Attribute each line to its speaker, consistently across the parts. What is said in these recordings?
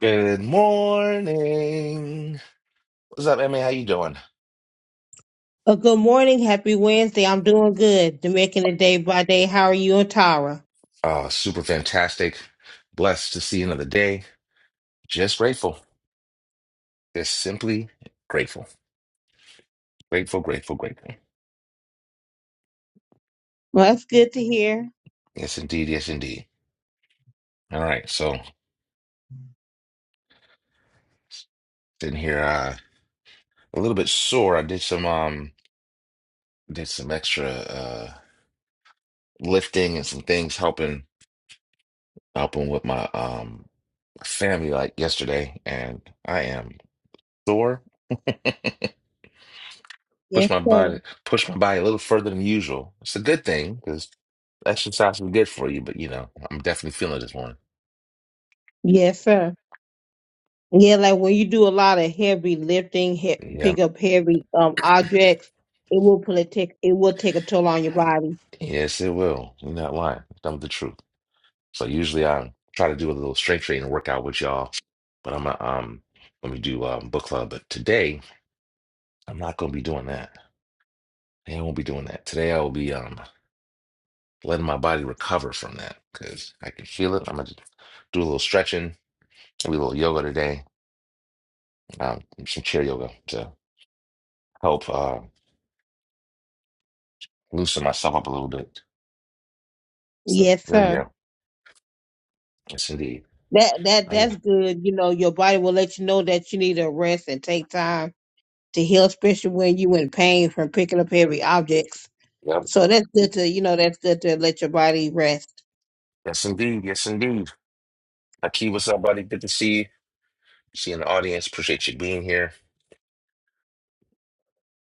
Speaker 1: Good morning. What's up, Emmy? How you doing?
Speaker 2: Uh, good morning. Happy Wednesday. I'm doing good. They're making it day by day. How are you and Tara?
Speaker 1: Uh, super fantastic. Blessed to see another day. Just grateful. Just simply grateful. Grateful, grateful, grateful.
Speaker 2: Well, that's good to hear.
Speaker 1: Yes, indeed. Yes, indeed. All right. So sitting here, uh, a little bit sore. I did some, um, did some extra, uh, lifting and some things helping, helping with my, um, family like yesterday, and I am sore. push
Speaker 2: Yes,
Speaker 1: my
Speaker 2: sir.
Speaker 1: body push my body a little further than usual. It's a good thing because exercise is good for you, but you know, I'm definitely feeling it this morning.
Speaker 2: Yes, sir. Yeah, like when you do a lot of heavy lifting, he-
Speaker 1: Yeah,
Speaker 2: pick up heavy um objects, it will put a take it will take a toll on your body.
Speaker 1: yes, it will. You're not lying. Tell the truth. So usually I try to do a little strength training workout with y'all, but I'm not, um let me do um book club. But today I'm not gonna be doing that. Today I won't be doing that. Today I will be um letting my body recover from that because I can feel it. I'm gonna do a little stretching, maybe a little yoga today, um, some chair yoga to help. uh loosen myself up a little bit. So
Speaker 2: Yes,
Speaker 1: Oh
Speaker 2: sir.
Speaker 1: yeah, yes indeed.
Speaker 2: That that
Speaker 1: Oh,
Speaker 2: that's good. You know, your body will let you know that you need to rest and take time to heal, especially when you in pain from picking up heavy objects.
Speaker 1: yep,
Speaker 2: So that's good to you know that's good to let your body rest.
Speaker 1: yes indeed, yes indeed. Aki, what's up, buddy? Good to see you. See you in the audience. Appreciate you being here.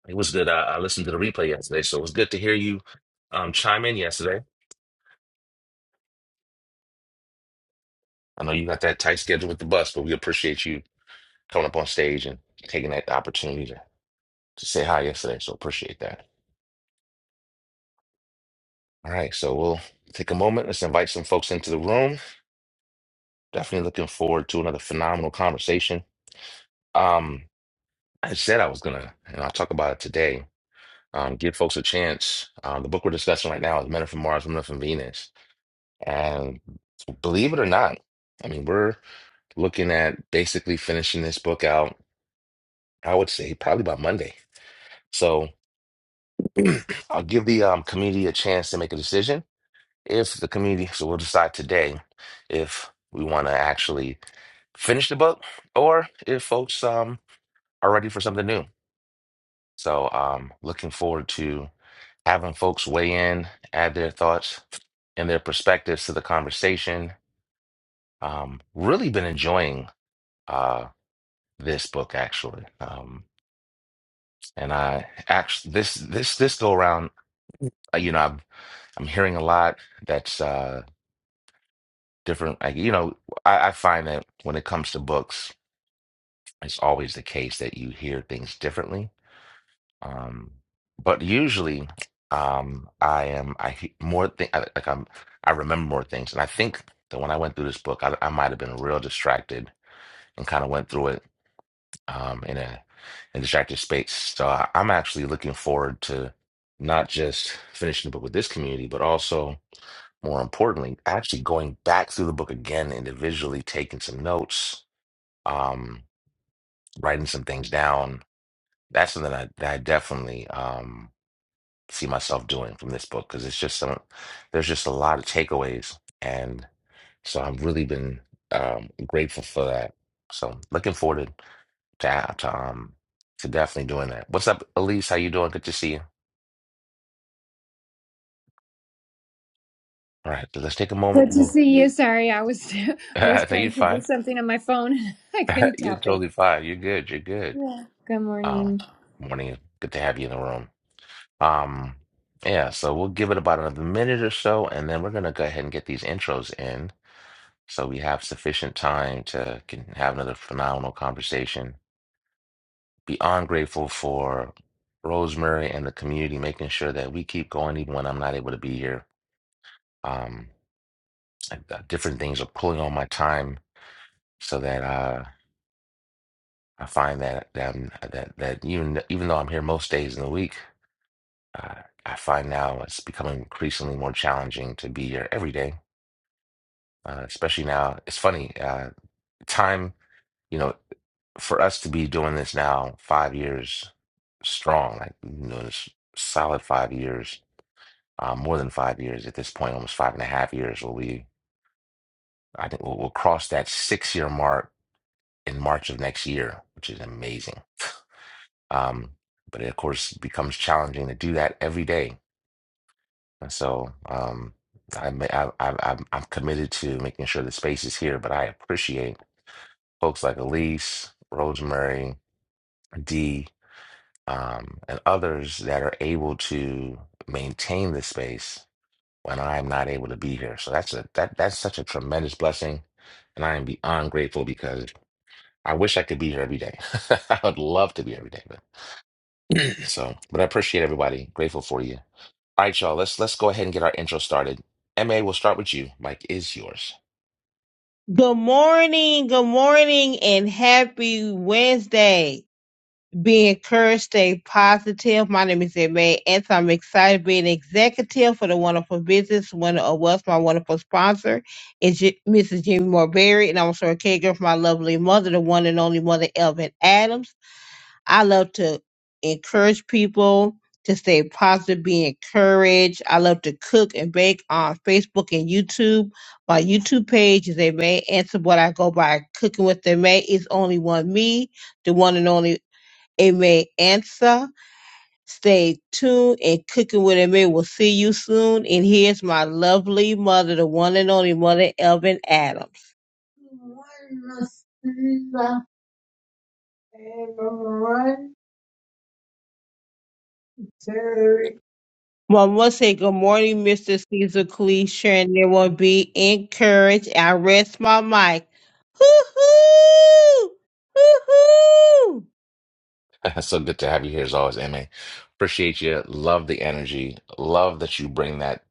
Speaker 1: It was good. I, I listened to the replay yesterday, so it was good to hear you um, chime in yesterday. I know you got that tight schedule with the bus, but we appreciate you coming up on stage and taking that opportunity to, to say hi yesterday. So appreciate that. All right, so we'll take a moment. Let's invite some folks into the room. Definitely looking forward to another phenomenal conversation. Um. I said I was gonna, and I'll talk about it today. Um, give folks a chance. Um, the book we're discussing right now is Men Are from Mars, Women Are from Venus. And believe it or not, I mean, we're looking at basically finishing this book out, I would say probably by Monday. So I'll give the um, community a chance to make a decision. If the community, so we'll decide today if we want to actually finish the book or if folks um, are ready for something new. So um looking forward to having folks weigh in, add their thoughts and their perspectives to the conversation. Um, really been enjoying uh, this book actually, um, and I actually this this this go around. uh, You know, I'm I'm hearing a lot that's uh, different. Like, you know, I, I find that when it comes to books, it's always the case that you hear things differently Um, but usually, um, I am I he- more think I, like I'm I remember more things, and I think that when I went through this book, I, I might have been real distracted and kind of went through it um, in a in distracted space. So I, I'm actually looking forward to not just finishing the book with this community, but also more importantly, actually going back through the book again individually, taking some notes, um, writing some things down. That's something that I, that I definitely. um. see myself doing from this book because it's just some there's just a lot of takeaways and so I've really been um grateful for that. So looking forward to to, to um to definitely doing that. What's up, Elise? How you doing? Good to see you. All right, let's take a moment.
Speaker 3: Good to
Speaker 1: We'll
Speaker 3: see you. Sorry, I was I was
Speaker 1: no, you're
Speaker 3: trying to do
Speaker 1: fine.
Speaker 3: something on my phone. I couldn't
Speaker 1: you're
Speaker 3: tap in.
Speaker 1: totally fine. You're good. You're good.
Speaker 3: Good
Speaker 1: Uh,
Speaker 3: morning.
Speaker 1: morning. Good to have you in the room. Um, yeah. So we'll give it about another minute or so, and then we're gonna go ahead and get these intros in. So we have sufficient time to can have another phenomenal conversation. Beyond grateful for Rosemary and the community making sure that we keep going even when I'm not able to be here. Um, and, uh, different things are pulling on my time so that uh, I find that that, I'm, that that even even though I'm here most days in the week, uh, I find now it's becoming increasingly more challenging to be here every day. Uh, especially now, it's funny. Uh, time. You know. for us to be doing this now five years strong, like you know, this solid five years, uh, more than five years at this point, almost five and a half years. Will we? I think we'll, we'll cross that six-year mark in March of next year, which is amazing. Um, but it, of course, becomes challenging to do that every day, and so um, I, ma- I, I, I'm I'm committed to making sure the space is here. But I appreciate folks like Elise, Rosemary, D. um, and others that are able to maintain the space when I'm not able to be here. So that's a that that's such a tremendous blessing, and I am beyond grateful because I wish I could be here every day. I would love to be every day, but so but I appreciate everybody. Grateful for you. All right, y'all. Let's let's go ahead and get our intro started. Ma, we'll start with you. Mike is yours.
Speaker 2: Good morning, good morning, and happy Wednesday. Be encouraged, stay positive. My name is Emma, and so I'm excited to be an executive for the wonderful business, one of us, my wonderful sponsor, is J- Mrs. Jimmy Moore Berry, and I'm also a caregiver for my lovely mother, the one and only mother, Elvin Adams. I love to encourage people to stay positive, be encouraged. I love to cook and bake on Facebook and YouTube. My YouTube page is a May Answer What I Go By Cooking with A May. is only one me, the one and only A May Answer. Stay tuned and cooking with a May. We'll see you soon. And here's my lovely mother, the one and only mother, Elvin Adams. One will say good morning, Mr. Caesar Cleisha, and there will be encouraged. I rest my mic. Hoo-hoo! Hoo-hoo!
Speaker 1: so good to have you here as always, MA. Appreciate you. Love the energy. Love that you bring that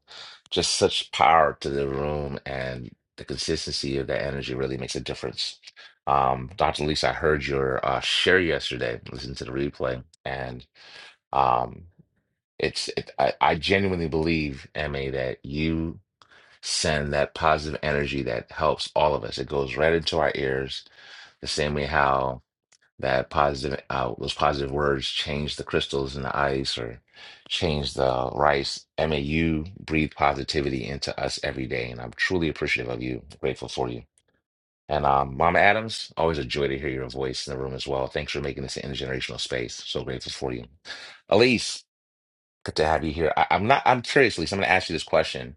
Speaker 1: just such power to the room and the consistency of that energy really makes a difference. Um, Dr. Lisa, I heard your uh, share yesterday, listen to the replay, and um, it's it, I, I genuinely believe, MA, that you send that positive energy that helps all of us. It goes right into our ears, the same way how that positive uh, those positive words change the crystals in the ice or change the rice. I mean, you breathe positivity into us every day, and I'm truly appreciative of you, grateful for you. And um, Mama Adams, always a joy to hear your voice in the room as well. Thanks for making this an intergenerational space. So grateful for you, Elise. Good to have you here. I, I'm not. I'm curious, Elise. I'm going to ask you this question.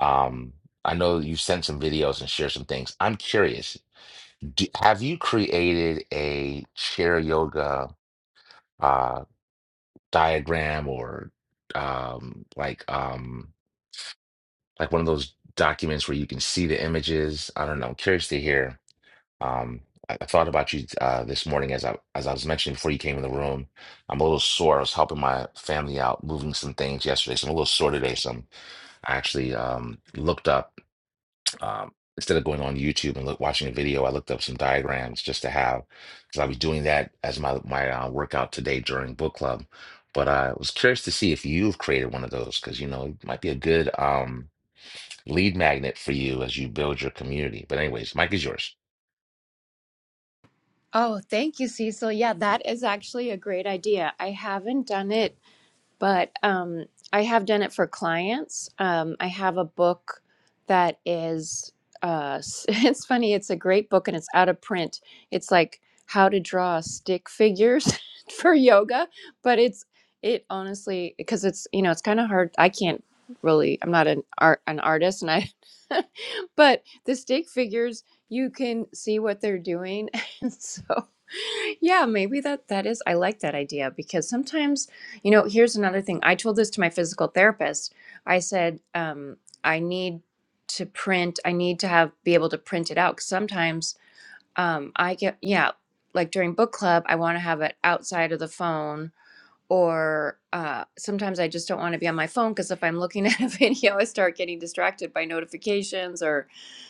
Speaker 1: Um, I know you sent some videos and shared some things. I'm curious. Do, have you created a chair yoga? uh diagram or um like um like one of those documents where you can see the images. I don't know. I'm curious to hear. Um I, I thought about you uh this morning as I as I was mentioning before you came in the room. I'm a little sore. I was helping my family out moving some things yesterday, so I'm a little sore today. So I'm, I actually um looked up um, instead of going on YouTube and look, watching a video, I looked up some diagrams just to have, because I was doing that as my my uh, workout today during book club. But I was curious to see if you've created one of those, because you know it might be a good um, lead magnet for you as you build your community. But anyways, Mike is yours.
Speaker 3: Oh, thank you, Cecil. Yeah, that is actually a great idea. I haven't done it but um, I have done it for clients. Um, I have a book that is, uh, it's funny, it's a great book and it's out of print. It's like how to draw stick figures for yoga, but it's, it honestly, because it's, you know, it's kind of hard. I can't really, I'm not an art, an artist and I, but the stick figures, you can see what they're doing. and so yeah, maybe that that is. I like that idea because sometimes, you know, here's another thing. I told this to my physical therapist. I said, um, I need to print. I need to have be able to print it out. 'Cause sometimes, um, I get yeah, like during book club, I want to have it outside of the phone or uh, sometimes I just don't want to be on my phone because if I'm looking at a video, I start getting distracted by notifications or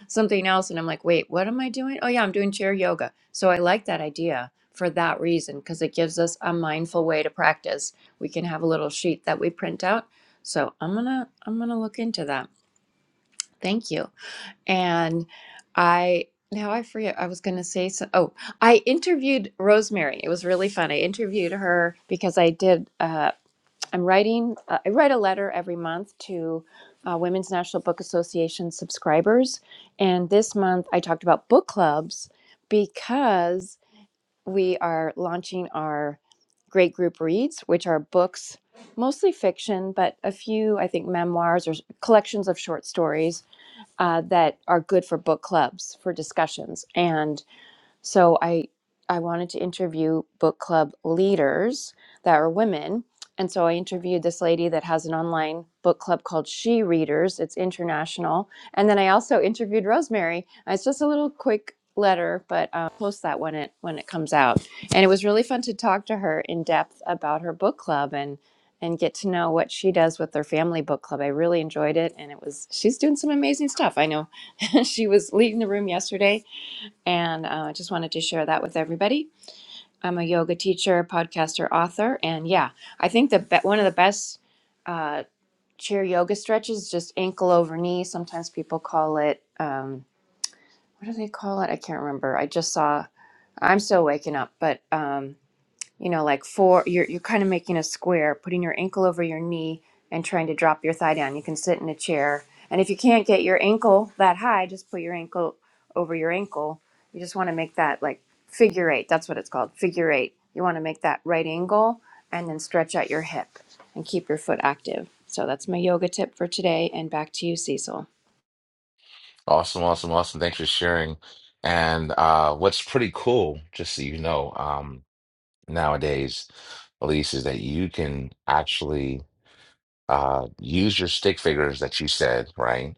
Speaker 3: something else. And I'm like, wait, what am I doing? Oh, yeah, I'm doing chair yoga. So I like that idea for that reason because it gives us a mindful way to practice. We can have a little sheet that we print out. So I'm gonna I'm gonna look into that. Thank you. And I now I forget I was gonna say so. Oh, I interviewed Rosemary. It was really fun. I interviewed her because I did. Uh, I'm writing, uh, I write a letter every month to uh, Women's National Book Association subscribers. And this month I talked about book clubs because we are launching our Great Group Reads, which are books, mostly fiction, but a few, I think, memoirs or collections of short stories uh, that are good for book clubs for discussions. and. So I I wanted to interview book club leaders that are women. And so I interviewed this lady that has an online book club called She Readers. It's international. And then I also interviewed Rosemary. Uh, It's just a little quick letter, but uh, post that when it when it comes out. And it was really fun to talk to her in depth about her book club and and get to know what she does with her family book club. I really enjoyed it, and it was she's doing some amazing stuff. I know she was leading the room yesterday, and uh, I uh, just wanted to share that with everybody. I'm a yoga teacher, podcaster, author, and yeah, I think the be- one of the best uh, chair yoga stretches just ankle over knee. Sometimes people call it um, what do they call it? I can't remember. I just saw. I'm still waking up, but um, you know, like four, you're, you're kind of making a square, putting your ankle over your knee and trying to drop your thigh down. You can sit in a chair. And if you can't get your ankle that high, just put your ankle over your ankle. You just want to make that like figure eight. That's what it's called figure eight. You want to make that right angle and then stretch out your hip and keep your foot active. So that's my yoga tip for today. And back to you, Cecil.
Speaker 1: Awesome, awesome, awesome. Thanks for sharing. And uh, what's pretty cool, just so you know, um, nowadays, Elise, is that you can actually uh, use your stick figures that you said, right?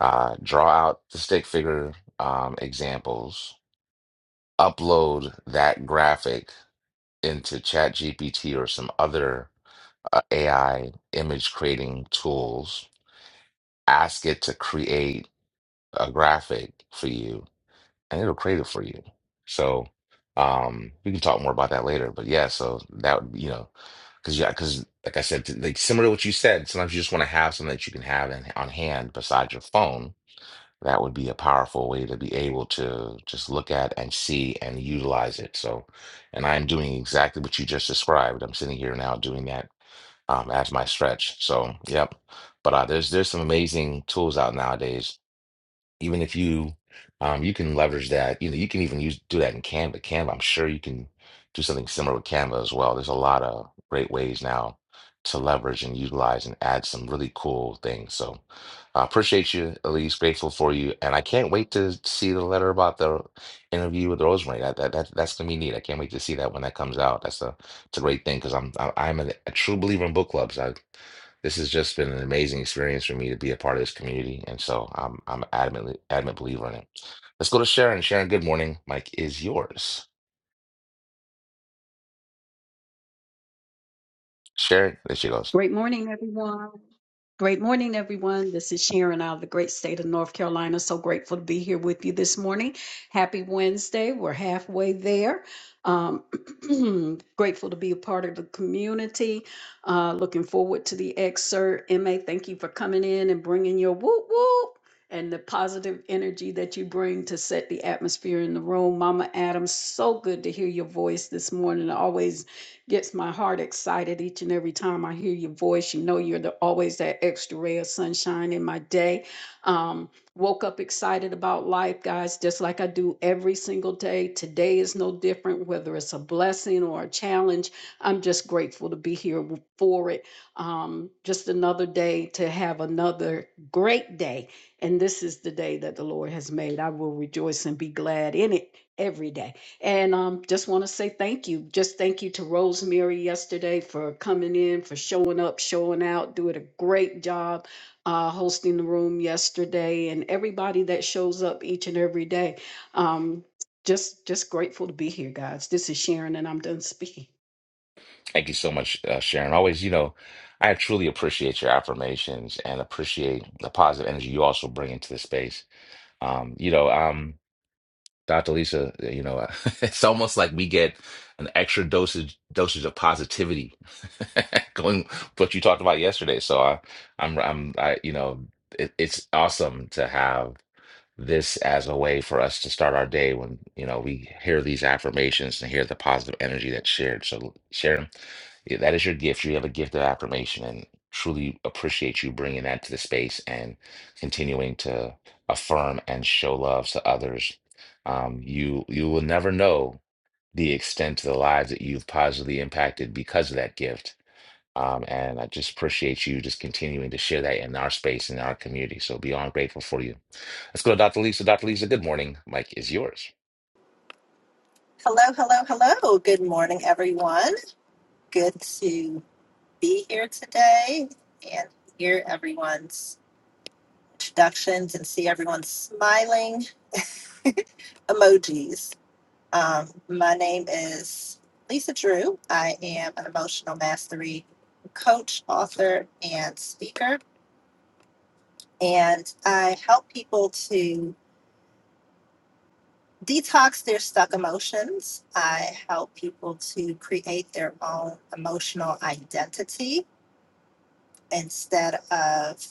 Speaker 1: uh, draw out the stick figure um, examples, upload that graphic into ChatGPT or some other uh, AI image creating tools, ask it to create a graphic for you, and it'll create it for you. So um, we can talk more about that later. But yeah, so that would, you know, because yeah, because like I said, t- like similar to what you said, sometimes you just want to have something that you can have in, on hand besides your phone that would be a powerful way to be able to just look at and see and utilize it. So, and I'm doing exactly what you just described. I'm sitting here now doing that um, as my stretch. So, yep. But uh, there's there's some amazing tools out nowadays even if you um you can leverage that you know you can even use do that in Canva Canva I'm sure you can do something similar with Canva as well there's a lot of great ways now to leverage and utilize and add some really cool things so I appreciate you Elise grateful for you and I can't wait to see the letter about the interview with Rosemary that, that, that that's gonna be neat I can't wait to see that when that comes out that's a it's a great thing because I'm I, I'm a, a true believer in book clubs I this has just been an amazing experience for me to be a part of this community, and so I'm I'm an adamantly adamant believer in it. Let's go to Sharon. Sharon, good morning. Mike is yours. Sharon, there she goes.
Speaker 4: Great morning, everyone. Great morning, everyone. This is Sharon out of the great state of North Carolina. So grateful to be here with you this morning. Happy Wednesday. We're halfway there. Um, grateful to be a part of the community. Uh, looking forward to the excerpt. Emma, thank you for coming in and bringing your whoop whoop and the positive energy that you bring to set the atmosphere in the room. Mama Adams, so good to hear your voice this morning. Always Gets my heart excited each and every time I hear your voice. You know, you're the, always that extra ray of sunshine in my day. Um, woke up excited about life, guys, just like I do every single day. Today is no different, whether it's a blessing or a challenge. I'm just grateful to be here w- for it. Um, just another day to have another great day. And this is the day that the Lord has made. I will rejoice and be glad in it every day. And um, just want to say thank you. Just thank you to Rosemary yesterday for coming in, for showing up, showing out, doing a great job uh, hosting the room yesterday, and everybody that shows up each and every day. Um, just, just grateful to be here, guys. This is Sharon, and I'm done speaking.
Speaker 1: Thank you so much, uh, Sharon. Always, you know, I truly appreciate your affirmations and appreciate the positive energy you also bring into the space. Um, you know, um. Dr. Lisa, you know, it's almost like we get an extra dosage dosage of positivity going what you talked about yesterday. So I, I'm I'm I you know it, it's awesome to have this as a way for us to start our day when you know we hear these affirmations and hear the positive energy that's shared. So, Sharon, yeah, that is your gift. You have a gift of affirmation, and truly appreciate you bringing that to the space and continuing to affirm and show love to others. Um, you you will never know the extent to the lives that you've positively impacted because of that gift um, and I just appreciate you just continuing to share that in our space and our community. So beyond grateful for you. Let's go to Dr. Lisa. Dr. Lisa, good morning. Mike is yours.
Speaker 5: Hello, hello, hello. Good morning, everyone. Good to be here today and hear everyone's introductions and see everyone's smiling emojis. Um, my name is Lisa Drew. I am an emotional mastery coach, author, and speaker. And I help people to detox their stuck emotions. I help people to create their own emotional identity instead of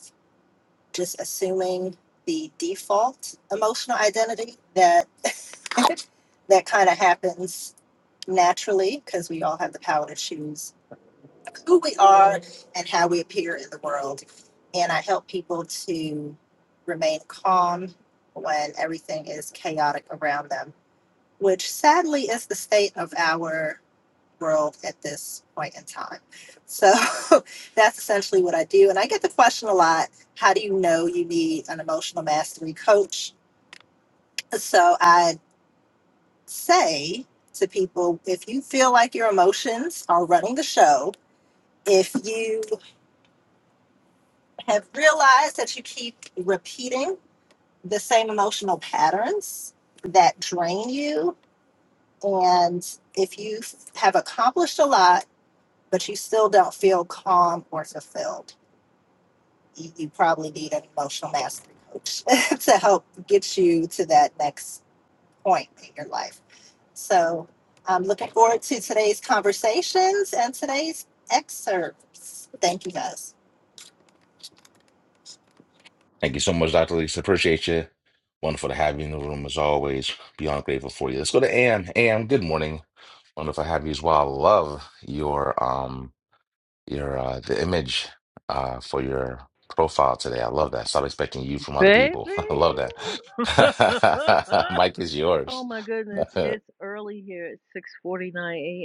Speaker 5: just assuming the default emotional identity that that kind of happens naturally because we all have the power to choose who we are and how we appear in the world and i help people to remain calm when everything is chaotic around them which sadly is the state of our world at this point in time. So that's essentially what I do. And I get the question a lot how do you know you need an emotional mastery coach? So I say to people if you feel like your emotions are running the show, if you have realized that you keep repeating the same emotional patterns that drain you, and if you have accomplished a lot, but you still don't feel calm or fulfilled you, you probably need an emotional mastery coach to help get you to that next point in your life. So I'm looking forward to today's conversations and today's excerpts. Thank you guys.
Speaker 1: Thank you so much, Dr. Lisa. Appreciate you. Wonderful to have you in the room as always. Beyond grateful for you. Let's go to Am. Am, good morning. Wonderful to have you as well. love your um your uh the image uh for your profile today. I love that. Stop expecting you from other
Speaker 6: Baby.
Speaker 1: people. I love that. Mike is
Speaker 6: oh
Speaker 1: yours.
Speaker 6: my goodness, it's early here. It's 6:49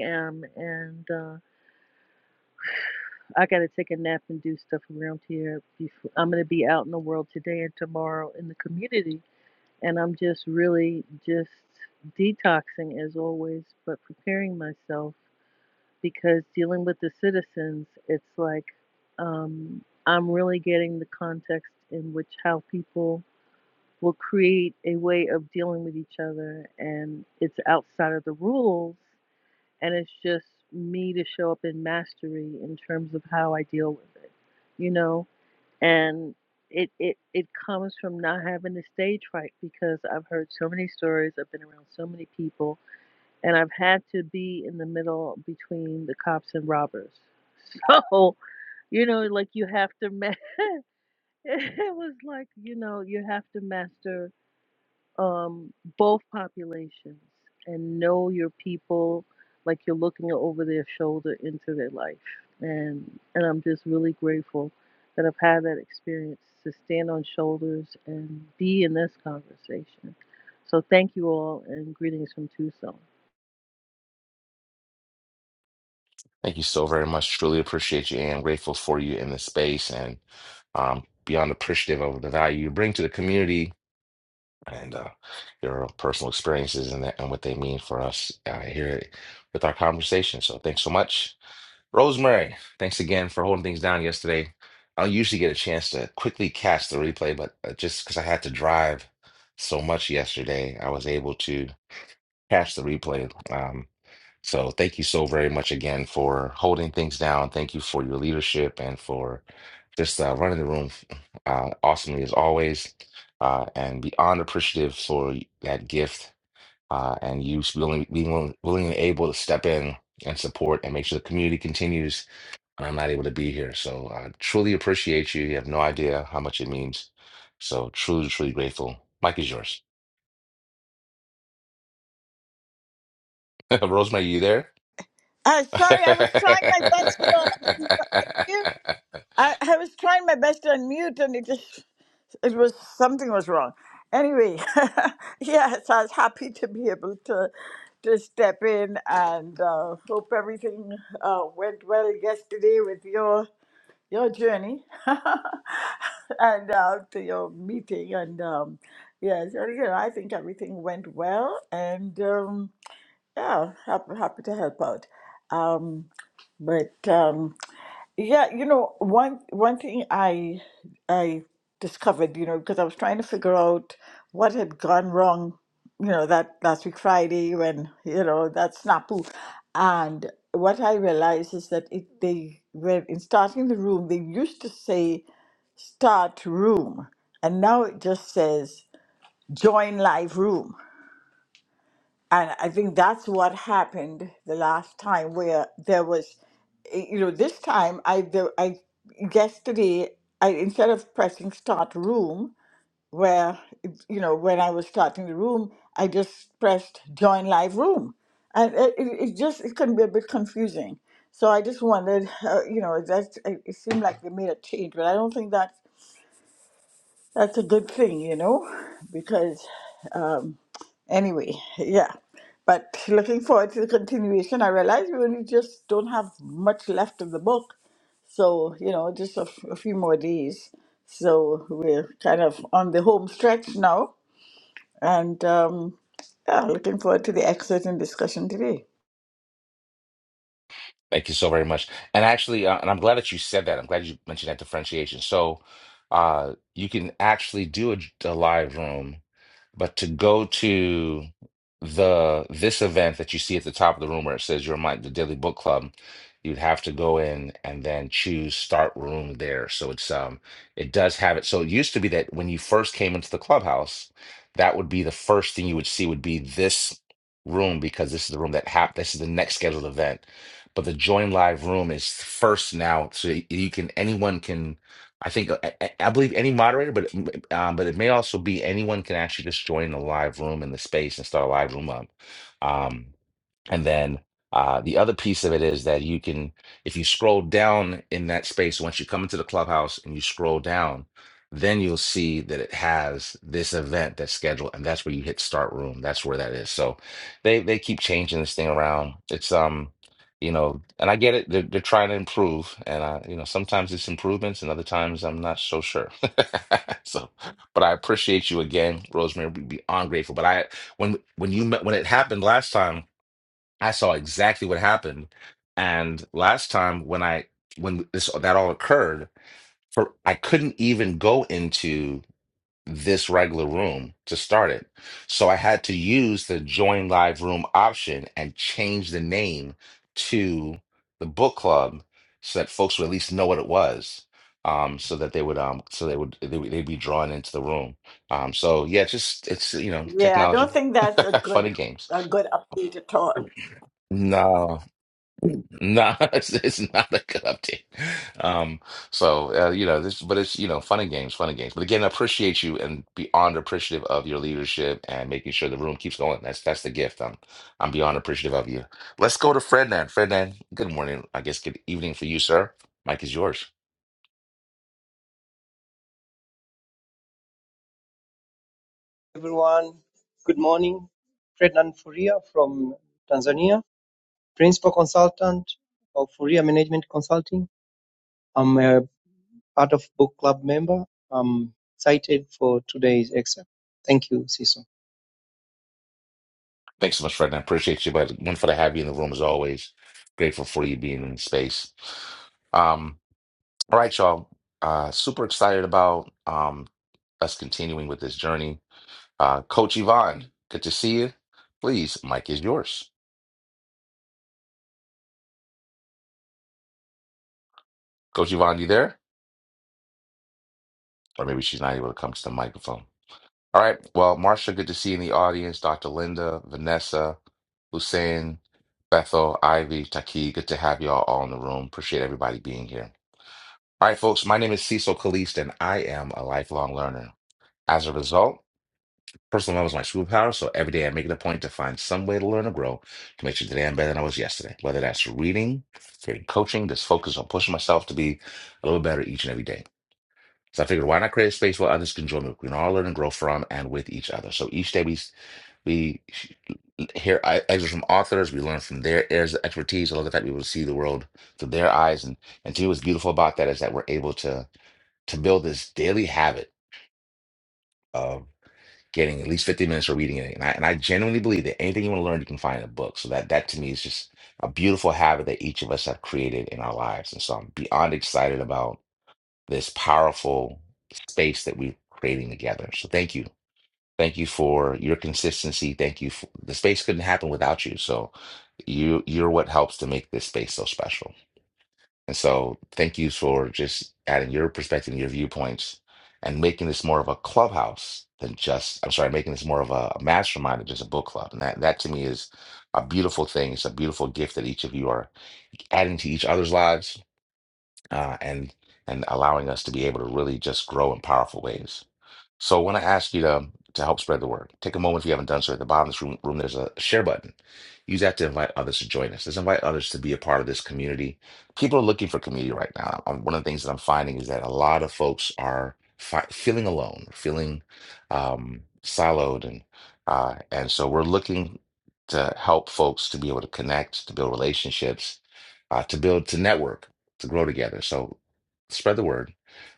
Speaker 6: a.m. and uh, I got to take a nap and do stuff around here. Before I'm going to be out in the world today and tomorrow in the community, and I'm just really just detoxing as always, but preparing myself because dealing with the citizens, it's like um, I'm really getting the context in which how people will create a way of dealing with each other and it's outside of the rules and it's just me to show up in mastery in terms of how I deal with it, you know? And it, it it comes from not having to stage fright because I've heard so many stories, I've been around so many people, and I've had to be in the middle between the cops and robbers. So, you know, like you have to ma- it was like, you know, you have to master um, both populations and know your people like you're looking over their shoulder into their life. And and I'm just really grateful that I've had that experience to stand on shoulders and be in this conversation. So thank you all and greetings from Tucson.
Speaker 1: Thank you so very much. Truly appreciate you and I'm grateful for you in this space and um, beyond appreciative of the value you bring to the community and uh, your personal experiences and, that, and what they mean for us uh, here with our conversation. So thanks so much. Rosemary, thanks again for holding things down yesterday. I don't usually get a chance to quickly catch the replay, but uh, just because I had to drive so much yesterday, I was able to catch the replay. Um, so thank you so very much again for holding things down. Thank you for your leadership and for just uh, running the room uh, awesomely as always. Uh, and beyond appreciative for that gift uh, and you willing, being willing, willing and able to step in and support and make sure the community continues. And I'm not able to be here. So uh, truly appreciate you. You have no idea how much it means. So truly, truly grateful. Mike is yours. Rosemary, you there?
Speaker 7: Uh, sorry, I was trying my best to unmute. I, I was trying my best to unmute, and it just it was something was wrong. Anyway, yes, I was happy to be able to to step in, and uh, hope everything uh, went well yesterday with your your journey and uh, to your meeting. And um, yes, you know, I think everything went well, and. Um, yeah, happy, happy to help out. Um, but um, yeah, you know, one one thing I I discovered, you know, because I was trying to figure out what had gone wrong, you know, that last week Friday when, you know, that snafu. And what I realized is that it they when in starting the room, they used to say start room, and now it just says join live room. And I think that's what happened the last time where there was, eh, you know, this time I, the, I yesterday, I instead of pressing start room, where, you know, when I was starting the room, I just pressed join live room. And it, it, it just, it can be a bit confusing. So I just wondered, uh, you know, that it it seemed like they made a change, but I don't think that that's a good thing, you know, because um, Anyway, yeah. But looking forward to the continuation. I realize we only just don't have much left of the book. So, you know, just a, f- a few more days. So we're kind of on the home stretch now. And um, yeah, looking forward to the excerpt and discussion today.
Speaker 1: Thank you so very much. And actually, uh, and I'm glad that you said that. I'm glad you mentioned that differentiation. So, uh, you can actually do a, a live room. But to go to the this event that you see at the top of the room where it says your mind the Daily Book Club, you'd have to go in and then choose start room there. So it's um it does have it. So it used to be that when you first came into the clubhouse, that would be the first thing you would see would be this room because this is the room that hap this is the next scheduled event. But the join live room is first now. So you can anyone can I think I, I I believe any moderator, but it, m- um, but it may also be anyone can actually just join the live room in the space and start a live room up. Um, and then uh, the other piece of it is that you can, if you scroll down in that space, once you come into the clubhouse and you scroll down, then you'll see that it has this event that's scheduled, and that's where you hit start room. That's where that is. So they they keep changing this thing around. It's um, you know, and I get it. They're, they're trying to improve, and I, you know, sometimes it's improvements, and other times I'm not so sure. so, but I appreciate you again, Rosemary. We'd be on grateful. But I when when you met when it happened last time. I saw exactly what happened. And last time when I when this that all occurred, for I couldn't even go into this regular room to start it. So I had to use the join live room option and change the name to the book club so that folks would at least know what it was. Um, so that they would um so they would they would they'd be drawn into the room. Um so yeah, just it's you know,
Speaker 7: Yeah, I
Speaker 1: technology.
Speaker 7: don't think that's a
Speaker 1: Fun
Speaker 7: good
Speaker 1: and games.
Speaker 7: a good update at all.
Speaker 1: No. No, it's, it's not a good update. Um, so uh, you know this, but it's you know fun and games, fun and games. But again, I appreciate you and beyond appreciative of your leadership and making sure the room keeps going. That's that's the gift. I'm I'm beyond appreciative of you. Let's go to Frednan. Frednan, good morning. I guess good evening for you, sir. Mike is yours.
Speaker 8: everyone. Good morning. Frednan Furia from Tanzania, principal consultant of Furia Management Consulting. I'm a part of book club member. I'm excited for today's excerpt. Thank you, Cecil.
Speaker 1: Thanks so much, Frednan. Appreciate you, but wonderful to have you in the room as always. Grateful for you being in space. Um, all right, y'all. Uh, super excited about um us continuing with this journey Uh, Coach Yvonne, good to see you. Please, mic is yours. Coach Yvonne, you there? Or maybe she's not able to come to the microphone. All right. Well, Marsha, good to see you in the audience. Dr. Linda, Vanessa, Hussein, Bethel, Ivy, Taki, good to have y'all all in the room. Appreciate everybody being here. All right, folks, my name is Cecil Kalist, and I am a lifelong learner. As a result, Personal development is my superpower, so every day I make it a point to find some way to learn and grow to make sure today I'm better than I was yesterday. Whether that's reading, getting coaching, just focus on pushing myself to be a little better each and every day. So I figured, why not create a space where others can join me? We can all learn and grow from and with each other. So each day we we hear e- excerpts from authors, we learn from their areas of expertise. I love the fact we able to see the world through their eyes. And and to me, what's beautiful about that is that we're able to to build this daily habit getting at least 50 minutes or reading it. And I, and I genuinely believe that anything you want to learn, you can find in a book. So that that to me is just a beautiful habit that each of us have created in our lives. And so I'm beyond excited about this powerful space that we're creating together. So thank you. Thank you for your consistency. Thank you for the space couldn't happen without you. So you you're what helps to make this space so special. And so thank you for just adding your perspective and your viewpoints and making this more of a clubhouse than just, I'm sorry, making this more of a, a mastermind than just a book club. And that, that to me is a beautiful thing. It's a beautiful gift that each of you are adding to each other's lives uh, and and allowing us to be able to really just grow in powerful ways. So I want to ask you to um, to help spread the word. Take a moment if you haven't done so. At the bottom of this room, room, there's a share button. Use that to invite others to join us. Let's invite others to be a part of this community. People are looking for community right now. Um, One of the things that I'm finding is that a lot of folks are fi- feeling alone, feeling um, siloed, and uh, and so we're looking to help folks to be able to connect, to build relationships, uh, to build, to network, to grow together. So spread the word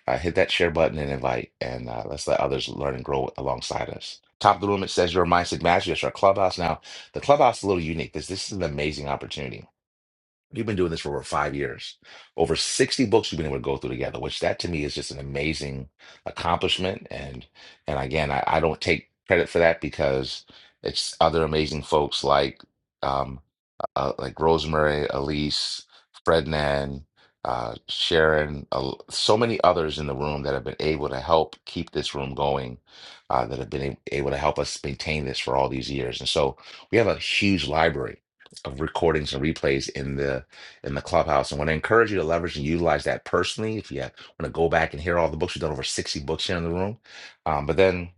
Speaker 1: uh, hit that share button and invite, and uh, let's let others learn and grow alongside us. Top of the room, it says your mindset mastery. That's our clubhouse. Now, the clubhouse is a little unique. This this is an amazing opportunity We've been doing this for over five years. Over 60 books we've been able to go through together, which that to me is just an amazing accomplishment. And and again, I, I don't take credit for that because it's other amazing folks like um uh, like Rosemary, Elise, Frednan, uh, Sharon, uh, so many others in the room that have been able to help keep this room going, uh, that have been a- able to help us maintain this for all these years. And so we have a huge library of recordings and replays in the in the clubhouse. And want to encourage you to leverage and utilize that personally. If you want to go back and hear all the books, we've done over 60 books here in the room. Um, but then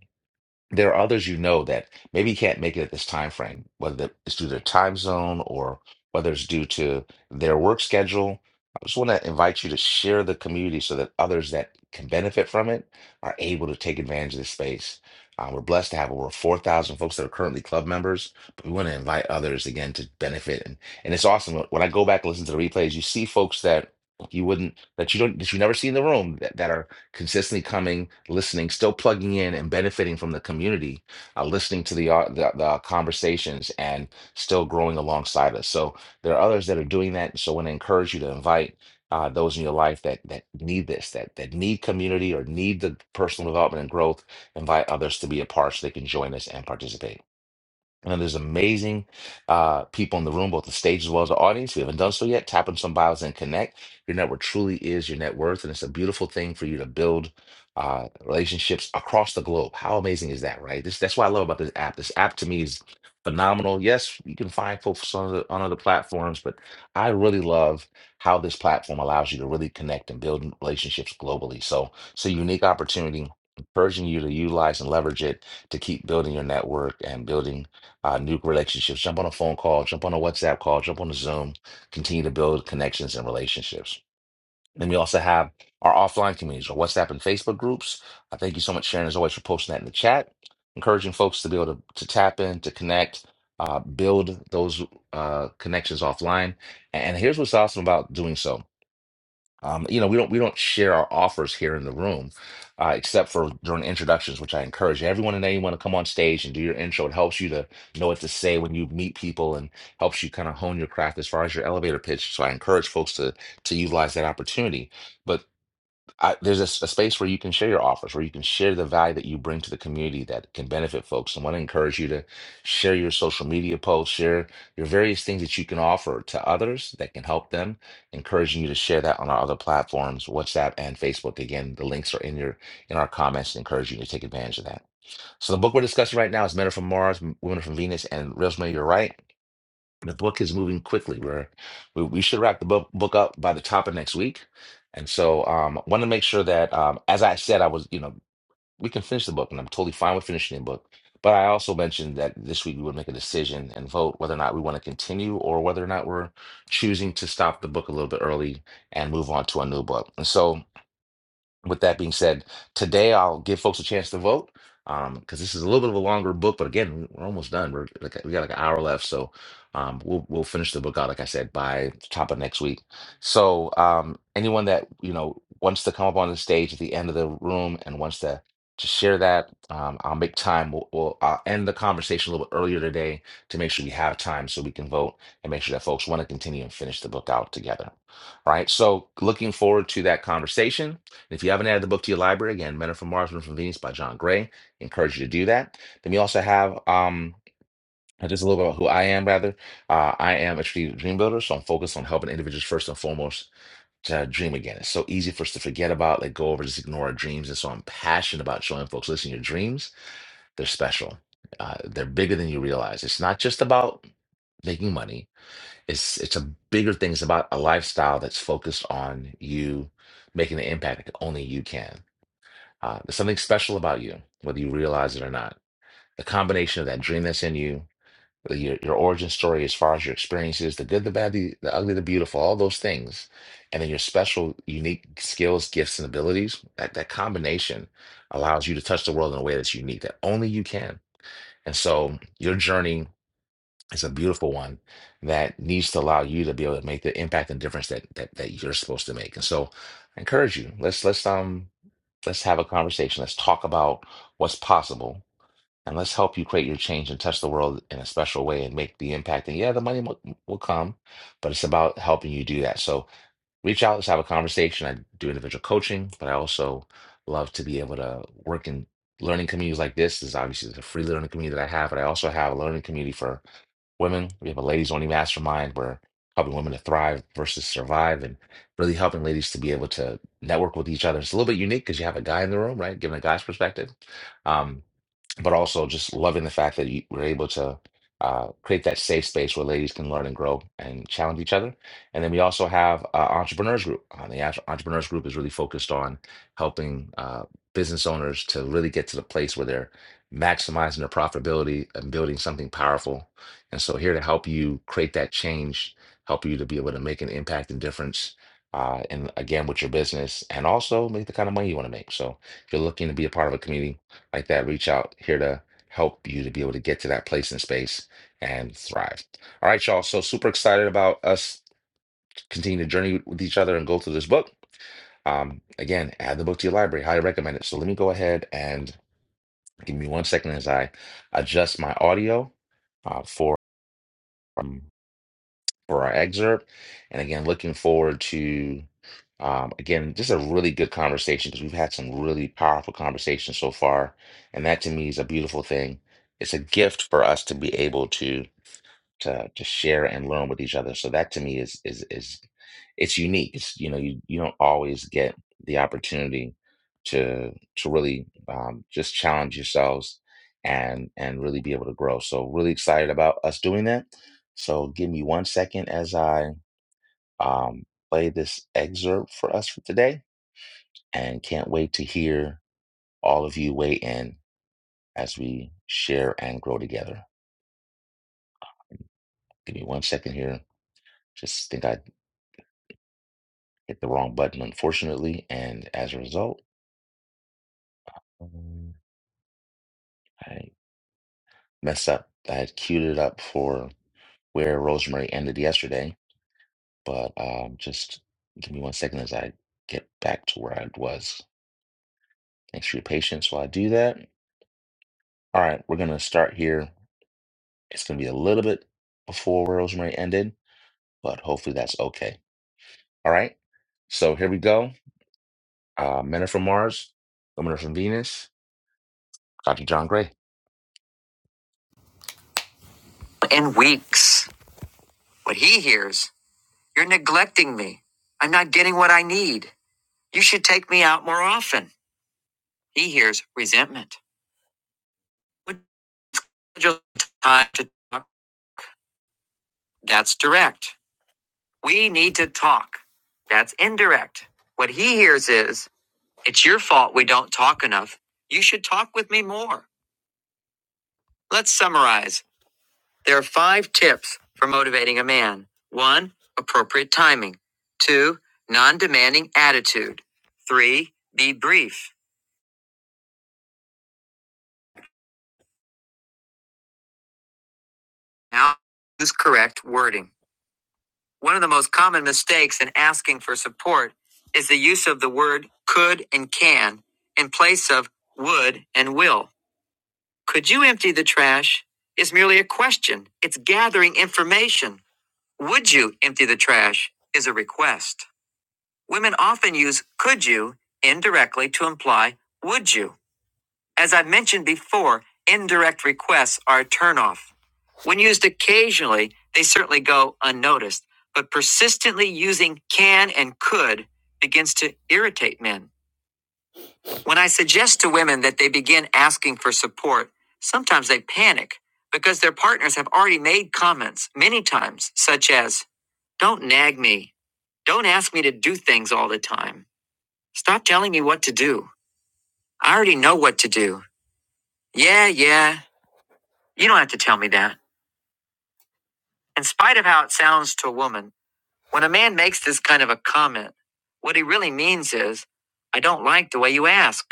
Speaker 1: there are others you know that maybe can't make it at this time frame, whether that- it's due to their time zone or whether it's due to their work schedule. I just want to invite you to share the community so that others that can benefit from it are able to take advantage of this space. Uh, we're blessed to have over 4,000 folks that are currently club members, but we want to invite others again to benefit. And, and it's awesome. When I go back and listen to the replays, you see folks that you wouldn't, that you don't, that you never see in the room that that are consistently coming, listening, still plugging in and benefiting from the community, uh, listening to the, uh, the the conversations and still growing alongside us. So there are others that are doing that. So I want to encourage you to invite uh, those in your life that that need this, that that need community or need the personal development and growth. Invite others to be a part so they can join us and participate. And there's amazing uh, people in the room, both the stage as well as the audience. If you haven't done so yet, tap on some bios and connect. Your network truly is your net worth, and it's a beautiful thing for you to build uh, relationships across the globe. How amazing is that, right? This that's what I love about this app. This app to me is phenomenal. Yes, you can find folks on other, on other platforms, but I really love how this platform allows you to really connect and build relationships globally. So it's a unique opportunity, encouraging you to utilize and leverage it to keep building your network and building uh, new relationships. Jump on a phone call, jump on a WhatsApp call, jump on a Zoom, continue to build connections and relationships. Then we also have our offline communities, our WhatsApp and Facebook groups. I thank you so much, Sharon, as always, for posting that in the chat, encouraging folks to be able to, to tap in, to connect, uh, build those uh, connections offline. And here's what's awesome about doing so. Um, you know, we don't we don't share our offers here in the room, uh, except for during introductions, which I encourage everyone and anyone to come on stage and do your intro. It helps you to know what to say when you meet people and helps you kind of hone your craft as far as your elevator pitch. So I encourage folks to to utilize that opportunity. But I, there's a, s- a space where you can share your offers, where you can share the value that you bring to the community that can benefit folks. And want to encourage you to share your social media posts, share your various things that you can offer to others that can help them. Encouraging you to share that on our other platforms, WhatsApp and Facebook. Again, the links are in your in our comments. Encouraging you to take advantage of that. So the book we're discussing right now is Men Are from Mars, M- Women Are from Venus, and Rosemary, you're right. The book is moving quickly. We're, we we should wrap the book book up by the top of next week, and so um, want to make sure that um, as I said, I was you know we can finish the book, and I'm totally fine with finishing the book. But I also mentioned that this week we would make a decision and vote whether or not we want to continue or whether or not we're choosing to stop the book a little bit early and move on to a new book. And so with that being said, today I'll give folks a chance to vote um because this is a little bit of a longer book, but again, we're almost done. We're like we got like an hour left, so um we'll we'll finish the book out like I said by the top of next week. So um anyone that you know wants to come up on the stage at the end of the room and wants to to share that, um, I'll make time. We'll, we'll I'll end the conversation a little bit earlier today to make sure we have time so we can vote and make sure that folks want to continue and finish the book out together. All right. So looking forward to that conversation. And if you haven't added the book to your library, again, Men Are from Mars, Women Are from Venus by John Gray, encourage you to do that. Then we also have um, just a little bit about who I am, rather. Uh, I am a strategic dream builder, so I'm focused on helping individuals first and foremost to dream again. It's so easy for us to forget about, let go over, just ignore our dreams. And so I'm passionate about showing folks, listen, your dreams, they're special. Uh, they're bigger than you realize. It's not just about making money. It's it's a bigger thing. It's about a lifestyle that's focused on you making the impact that only you can. Uh, there's something special about you, whether you realize it or not. The combination of that dream that's in you, your, your origin story as far as your experiences, the good, the bad, the, the ugly, the beautiful, all those things, and then your special, unique skills, gifts, and abilities, that, that combination allows you to touch the world in a way that's unique, that only you can. And so your journey it's a beautiful one that needs to allow you to be able to make the impact and difference that that that you're supposed to make. And so I encourage you, let's let's um let's have a conversation. Let's talk about what's possible and let's help you create your change and touch the world in a special way and make the impact. And yeah, the money will, will come, but it's about helping you do that. So reach out, let's have a conversation. I do individual coaching, but I also love to be able to work in learning communities like this. This is obviously the free learning community that I have, but I also have a learning community for women. We have a ladies only mastermind where helping women to thrive versus survive and really helping ladies to be able to network with each other. It's a little bit unique because you have a guy in the room, right? Giving a guy's perspective. Um, but also just loving the fact that you were able to uh, create that safe space where ladies can learn and grow and challenge each other. And then we also have uh, entrepreneurs group. Uh, the Entre- entrepreneurs group is really focused on helping uh, business owners to really get to the place where they're maximizing their profitability and building something powerful. And so here to help you create that change, help you to be able to make an impact and difference. Uh, and again, with your business, and also make the kind of money you want to make. So, if you're looking to be a part of a community, like that reach out here to help you to be able to get to that place and space and thrive all right y'all so super excited about us continuing the journey with each other and go through this book um again add the book to your library highly recommend it so let me go ahead and give me one second as i adjust my audio uh, for um, for our excerpt. And again, looking forward to, um, again, just a really good conversation because we've had some really powerful conversations so far. And that to me is a beautiful thing. It's a gift for us to be able to to to share and learn with each other. So that to me is is is it's unique. It's you know you you don't always get the opportunity to to really um, just challenge yourselves and and really be able to grow. So really excited about us doing that. So give me one second as I um, play this excerpt for us for today, and can't wait to hear all of you weigh in as we share and grow together. Give me one second here. Just think I hit the wrong button, unfortunately. And as a result, um, I messed up. I had queued it up for where Rosemary ended yesterday, but um, just give me one second as I get back to where I was. Thanks for your patience while I do that. All right, we're going to start here. It's going to be a little bit before where Rosemary ended, but hopefully that's okay. All right, so here we go. Uh, Men are from Mars, Women are from Venus, Dr. John Gray. In weeks, what he hears You're neglecting me. I'm not getting what I need. You should take me out more often. He hears resentment. Would you like time to talk? That's direct. We need to talk. That's indirect. What he hears is, it's your fault we don't talk enough. You should talk with me more. Let's summarize. There are five tips for motivating a man. One, appropriate timing. Two, non demanding attitude. Three, be brief. Now use correct wording. One of the most common mistakes in asking for support is the use of the word could and can in place of would and will. Could you empty the trash? Is merely a question. It's gathering information. Would you empty the trash? Is a request. Women often use could you indirectly to imply would you. As I mentioned before, indirect requests are a turnoff. When used occasionally, they certainly go unnoticed, but persistently using can and could begins to irritate men. When I suggest to women that they begin asking for support, sometimes they panic because their partners have already made comments many times, such as, Don't nag me. Don't ask me to do things all the time. Stop telling me what to do. I already know what to do. Yeah, yeah. You don't have to tell me that. In spite of how it sounds to a woman, when a man makes this kind of a comment, what he really means is, I don't like the way you ask.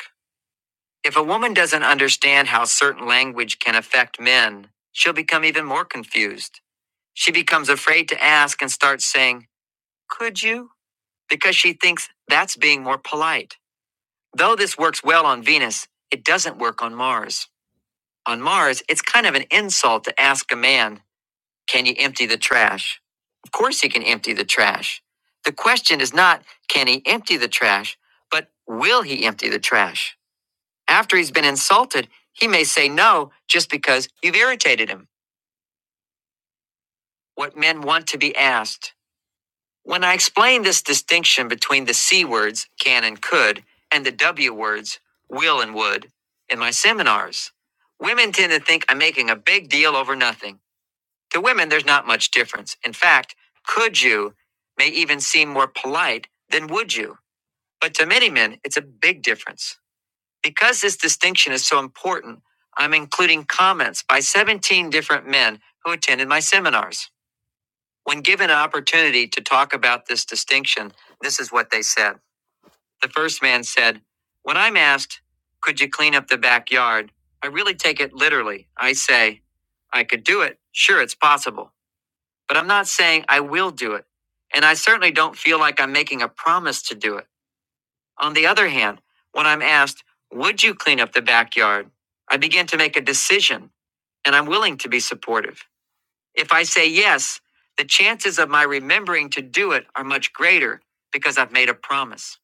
Speaker 1: If a woman doesn't understand how certain language can affect men, she'll become even more confused. She becomes afraid to ask and starts saying, Could you? Because she thinks that's being more polite. Though this works well on Venus, it doesn't work on Mars. On Mars, it's kind of an insult to ask a man Can you empty the trash? Of course, he can empty the trash. The question is not, can he empty the trash, but will he empty the trash? After he's been insulted, he may say no just because you've irritated him. What men want to be asked. When I explain this distinction between the C words, can and could, and the W words, will and would, in my seminars, women tend to think I'm making a big deal over nothing. To women, there's not much difference. In fact, could you may even seem more polite than would you. But to many men, it's a big difference. Because this distinction is so important, I'm including comments by 17 different men who attended my seminars. When given an opportunity to talk about this distinction, this is what they said. The first man said, When I'm asked, 'Could you clean up the backyard? I really take it literally. I say, 'I could do it. Sure, it's possible. But I'm not saying I will do it. And I certainly don't feel like I'm making a promise to do it. On the other hand, when I'm asked, would you clean up the backyard? I begin to make a decision and I'm willing to be supportive. If I say yes, the chances of my remembering to do it are much greater because I've made a promise.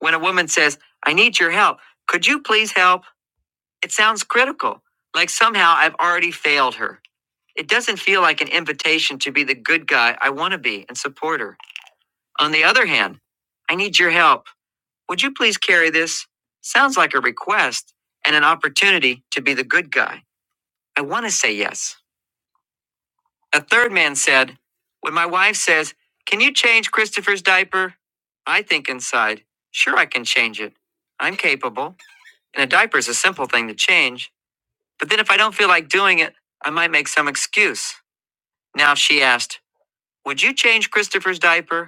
Speaker 1: When a woman says, I need your help, could you please help? It sounds critical, like somehow I've already failed her. It doesn't feel like an invitation to be the good guy I want to be and support her. On the other hand, I need your help. Would you please carry this? Sounds like a request and an opportunity to be the good guy. I want to say yes. A third man said, When my wife says, Can you change Christopher's diaper? I think inside, Sure, I can change it. I'm capable. And a diaper is a simple thing to change. But then if I don't feel like doing it, I might make some excuse. Now, she asked, Would you change Christopher's diaper?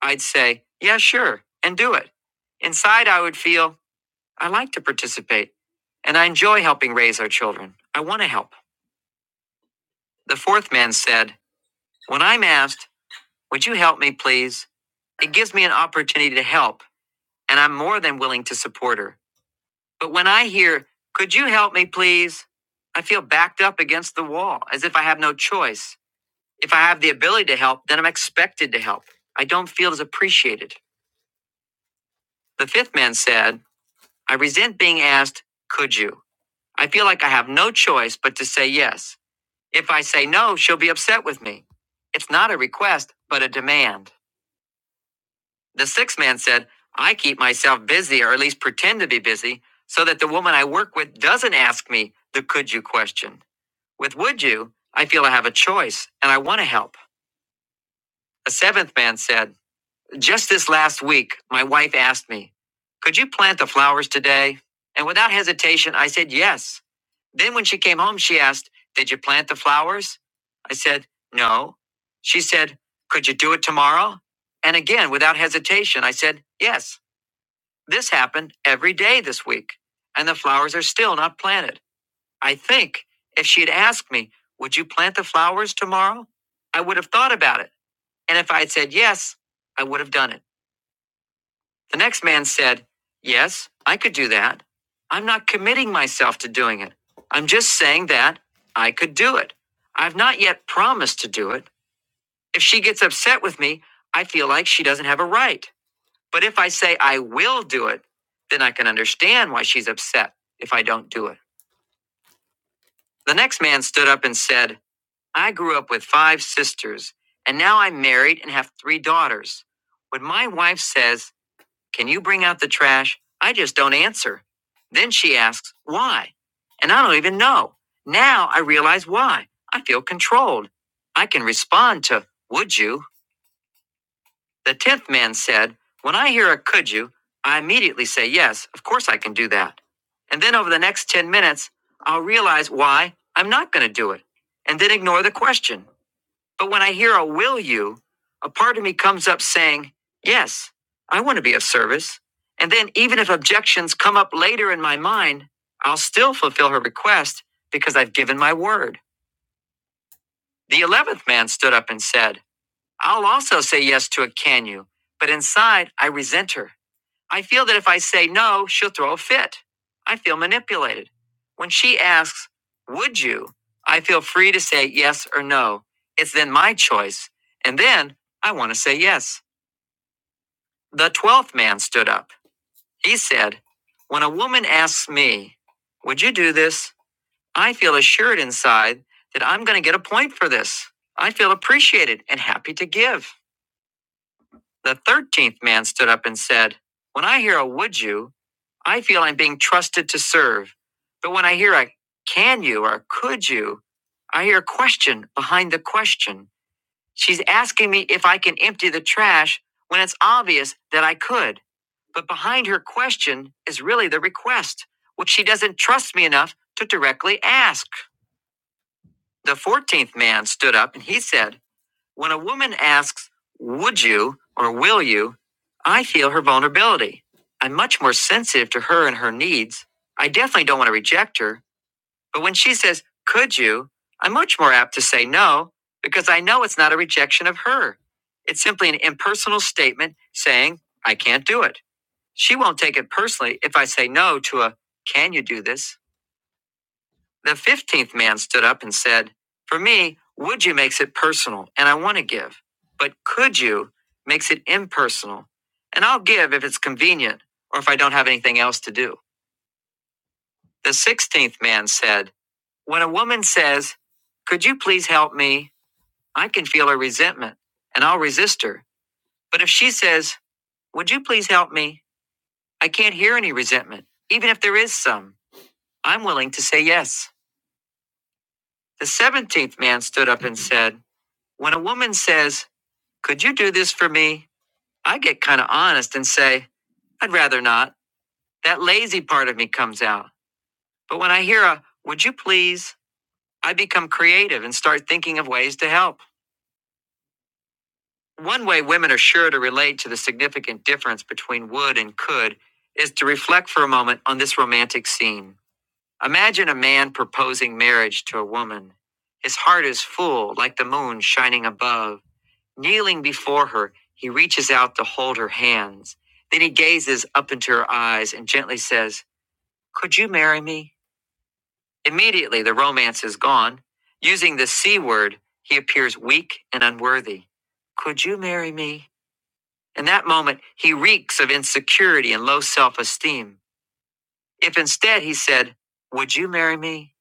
Speaker 1: I'd say, yeah, sure, and do it. Inside, I would feel, I like to participate, and I enjoy helping raise our children. I want to help. The fourth man said, When I'm asked, would you help me, please? It gives me an opportunity to help, and I'm more than willing to support her. But when I hear, could you help me, please? I feel backed up against the wall, as if I have no choice. If I have the ability to help, then I'm expected to help. I don't feel as appreciated. The fifth man said, I resent being asked, could you? I feel like I have no choice but to say yes. If I say no, she'll be upset with me. It's not a request, but a demand. The sixth man said, I keep myself busy, or at least pretend to be busy, so that the woman I work with doesn't ask me the could you question. With would you, I feel I have a choice and I want to help. A seventh man said, Just this last week, my wife asked me, Could you plant the flowers today? And without hesitation, I said yes. Then when she came home, she asked, Did you plant the flowers? I said, No. She said, Could you do it tomorrow? And again, without hesitation, I said, Yes. This happened every day this week, and the flowers are still not planted. I think if she had asked me, Would you plant the flowers tomorrow? I would have thought about it. And if I had said yes, I would have done it. The next man said, Yes, I could do that. I'm not committing myself to doing it. I'm just saying that I could do it. I've not yet promised to do it. If she gets upset with me, I feel like she doesn't have a right. But if I say I will do it, then I can understand why she's upset if I don't do it. The next man stood up and said, I grew up with five sisters, and now I'm married and have three daughters. When my wife says, Can you bring out the trash? I just don't answer. Then she asks, Why? And I don't even know. Now I realize why. I feel controlled. I can respond to, Would you? The tenth man said, When I hear a could you, I immediately say, Yes, of course I can do that. And then over the next 10 minutes, I'll realize why I'm not going to do it and then ignore the question. But when I hear a will you, a part of me comes up saying, Yes, I want to be of service. And then, even if objections come up later in my mind, I'll still fulfill her request because I've given my word. The eleventh man stood up and said, I'll also say yes to a can you, but inside I resent her. I feel that if I say no, she'll throw a fit. I feel manipulated. When she asks, Would you? I feel free to say yes or no. It's then my choice. And then I want to say yes. The 12th man stood up. He said, When a woman asks me, Would you do this? I feel assured inside that I'm going to get a point for this. I feel appreciated and happy to give. The thirteenth man stood up and said, When I hear a would you, I feel I'm being trusted to serve. But when I hear a can you or could you, I hear a question behind the question. She's asking me if I can empty the trash when it's obvious that I could. But behind her question is really the request, which she doesn't trust me enough to directly ask. The fourteenth man stood up and he said, when a woman asks, Would you or will you? I feel her vulnerability. I'm much more sensitive to her and her needs. I definitely don't want to reject her, but when she says, Could you? I'm much more apt to say no because I know it's not a rejection of her. It's simply an impersonal statement saying, I can't do it. She won't take it personally if I say no to a, Can you do this? The fifteenth man stood up and said, For me, would you makes it personal, and I want to give. But could you makes it impersonal, and I'll give if it's convenient or if I don't have anything else to do. The sixteenth man said, When a woman says, Could you please help me? I can feel her resentment, and I'll resist her. But if she says, Would you please help me? I can't hear any resentment, even if there is some. I'm willing to say yes. The seventeenth man stood up and said, When a woman says, Could you do this for me? I get kind of honest and say, I'd rather not. That lazy part of me comes out. But when I hear a, Would you please? I become creative and start thinking of ways to help. One way women are sure to relate to the significant difference between would and could is to reflect for a moment on this romantic scene. Imagine a man proposing marriage to a woman. His heart is full, like the moon shining above. Kneeling before her, he reaches out to hold her hands. Then he gazes up into her eyes and gently says, Could you marry me? Immediately, the romance is gone. Using the C word, he appears weak and unworthy. Could you marry me? In that moment, he reeks of insecurity and low self esteem. If instead he said, Would you marry me?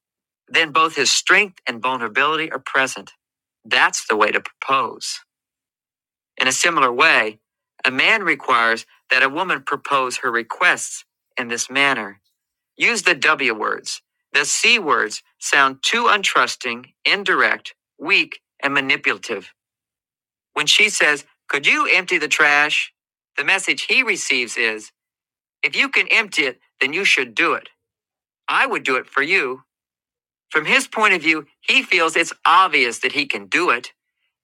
Speaker 1: Then both his strength and vulnerability are present. That's the way to propose. In a similar way, a man requires that a woman propose her requests in this manner. Use the W words. The C words sound too untrusting, indirect, weak, and manipulative. When she says, Could you empty the trash? The message he receives is, If you can empty it, then you should do it. I would do it for you. From his point of view, he feels it's obvious that he can do it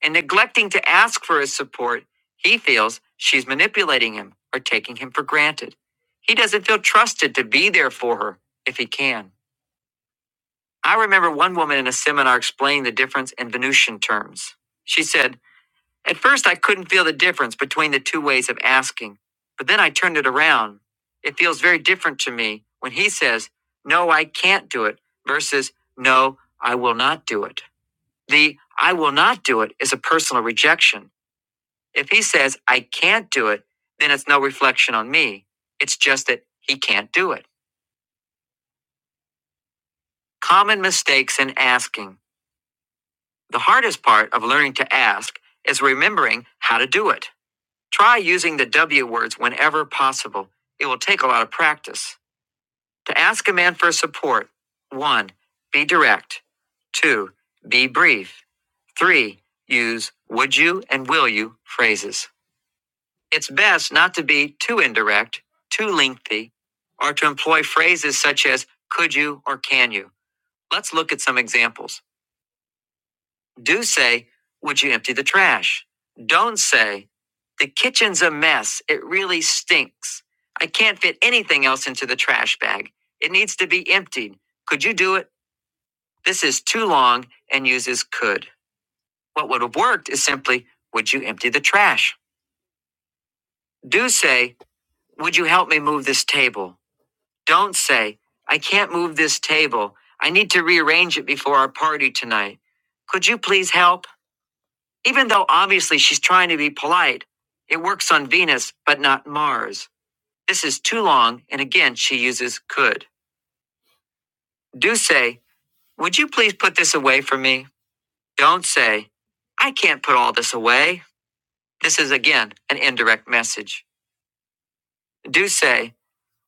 Speaker 1: and neglecting to ask for his support, he feels she's manipulating him or taking him for granted. He doesn't feel trusted to be there for her if he can. I remember one woman in a seminar explaining the difference in Venusian terms. She said, At first, I couldn't feel the difference between the two ways of asking, but then I turned it around. It feels very different to me when he says, 'No, I can't do it, versus 'No, I will not do it. The 'I will not do it' is a personal rejection if he says, I can't do it, then it's no reflection on me. It's just that he can't do it. Common mistakes in asking. The hardest part of learning to ask is remembering how to do it. Try using the W words whenever possible. It will take a lot of practice. To ask a man for support, one, be direct. Two, be brief. Three, use would you and will you phrases. It's best not to be too indirect, too lengthy, or to employ phrases such as could you or can you. Let's look at some examples. Do say, would you empty the trash? Don't say, the kitchen's a mess. It really stinks. I can't fit anything else into the trash bag. It needs to be emptied. Could you do it? This is too long and uses could. What would have worked is simply, would you empty the trash? Do say, would you help me move this table? Don't say, I can't move this table. I need to rearrange it before our party tonight. Could you please help? Even though obviously she's trying to be polite, it works on Venus, but not Mars. This is too long, and again, she uses could. Do say, Would you please put this away for me? Don't say, I can't put all this away. This is again an indirect message. Do say,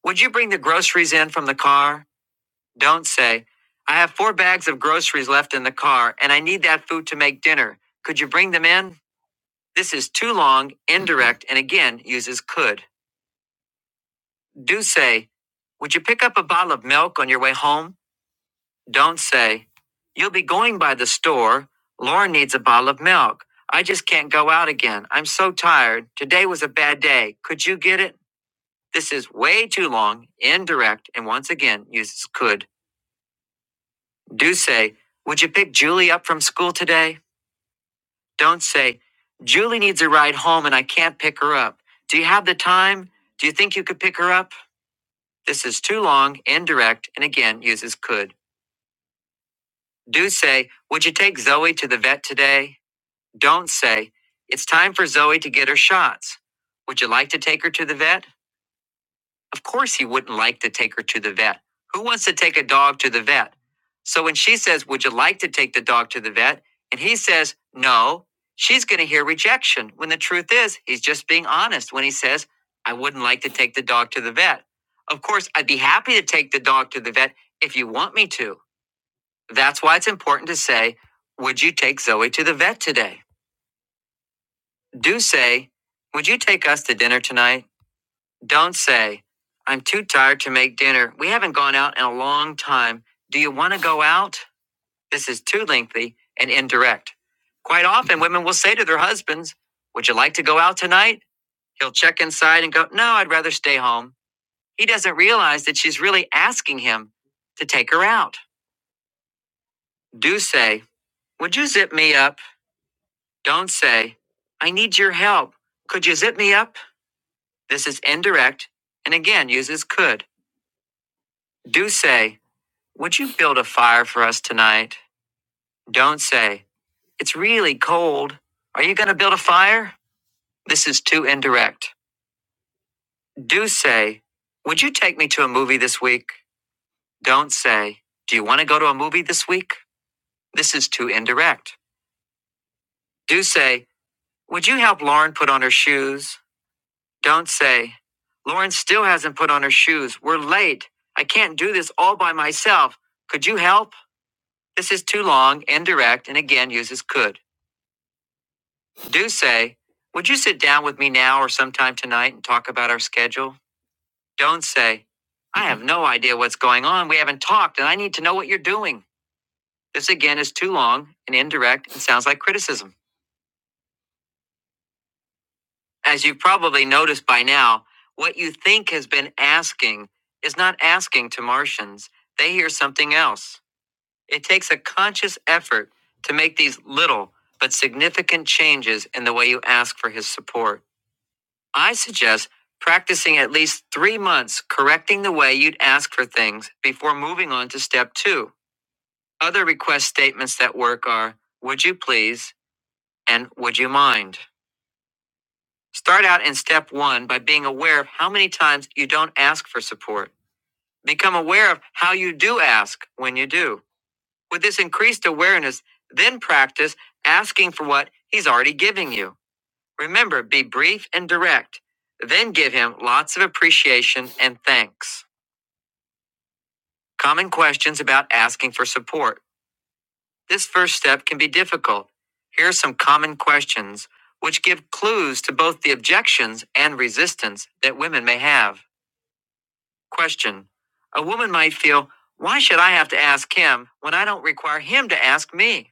Speaker 1: Would you bring the groceries in from the car? Don't say, I have four bags of groceries left in the car and I need that food to make dinner. Could you bring them in? This is too long, indirect, and again uses could. Do say, Would you pick up a bottle of milk on your way home? Don't say, You'll be going by the store. Lauren needs a bottle of milk. I just can't go out again. I'm so tired. Today was a bad day. Could you get it? This is way too long, indirect, and once again uses could. Do say, Would you pick Julie up from school today? Don't say, Julie needs a ride home and I can't pick her up. Do you have the time? Do you think you could pick her up? This is too long, indirect, and again uses could. Do say, Would you take Zoe to the vet today? Don't say, It's time for Zoe to get her shots. Would you like to take her to the vet? Of course, he wouldn't like to take her to the vet. Who wants to take a dog to the vet? So when she says, Would you like to take the dog to the vet? and he says, No, she's going to hear rejection when the truth is he's just being honest when he says, I wouldn't like to take the dog to the vet. Of course, I'd be happy to take the dog to the vet if you want me to. That's why it's important to say, Would you take Zoe to the vet today? Do say, Would you take us to dinner tonight? Don't say, I'm too tired to make dinner. We haven't gone out in a long time. Do you want to go out? This is too lengthy and indirect. Quite often, women will say to their husbands, Would you like to go out tonight? He'll check inside and go, No, I'd rather stay home. He doesn't realize that she's really asking him to take her out. Do say, Would you zip me up? Don't say, I need your help. Could you zip me up? This is indirect and again uses could. Do say, Would you build a fire for us tonight? Don't say, It's really cold. Are you going to build a fire? This is too indirect. Do say, Would you take me to a movie this week? Don't say, Do you want to go to a movie this week? This is too indirect. Do say, Would you help Lauren put on her shoes? Don't say, Lauren still hasn't put on her shoes. We're late. I can't do this all by myself. Could you help? This is too long, indirect, and again uses could. Do say, Would you sit down with me now or sometime tonight and talk about our schedule? Don't say, I have no idea what's going on. We haven't talked, and I need to know what you're doing. This again is too long and indirect and sounds like criticism. As you've probably noticed by now, what you think has been asking is not asking to Martians. They hear something else. It takes a conscious effort to make these little but significant changes in the way you ask for his support. I suggest practicing at least three months correcting the way you'd ask for things before moving on to step two. Other request statements that work are Would you please? and Would you mind? Start out in step one by being aware of how many times you don't ask for support. Become aware of how you do ask when you do. With this increased awareness, then practice asking for what he's already giving you. Remember, be brief and direct. Then give him lots of appreciation and thanks. Common questions about asking for support. This first step can be difficult. Here are some common questions which give clues to both the objections and resistance that women may have. Question A woman might feel, Why should I have to ask him when I don't require him to ask me?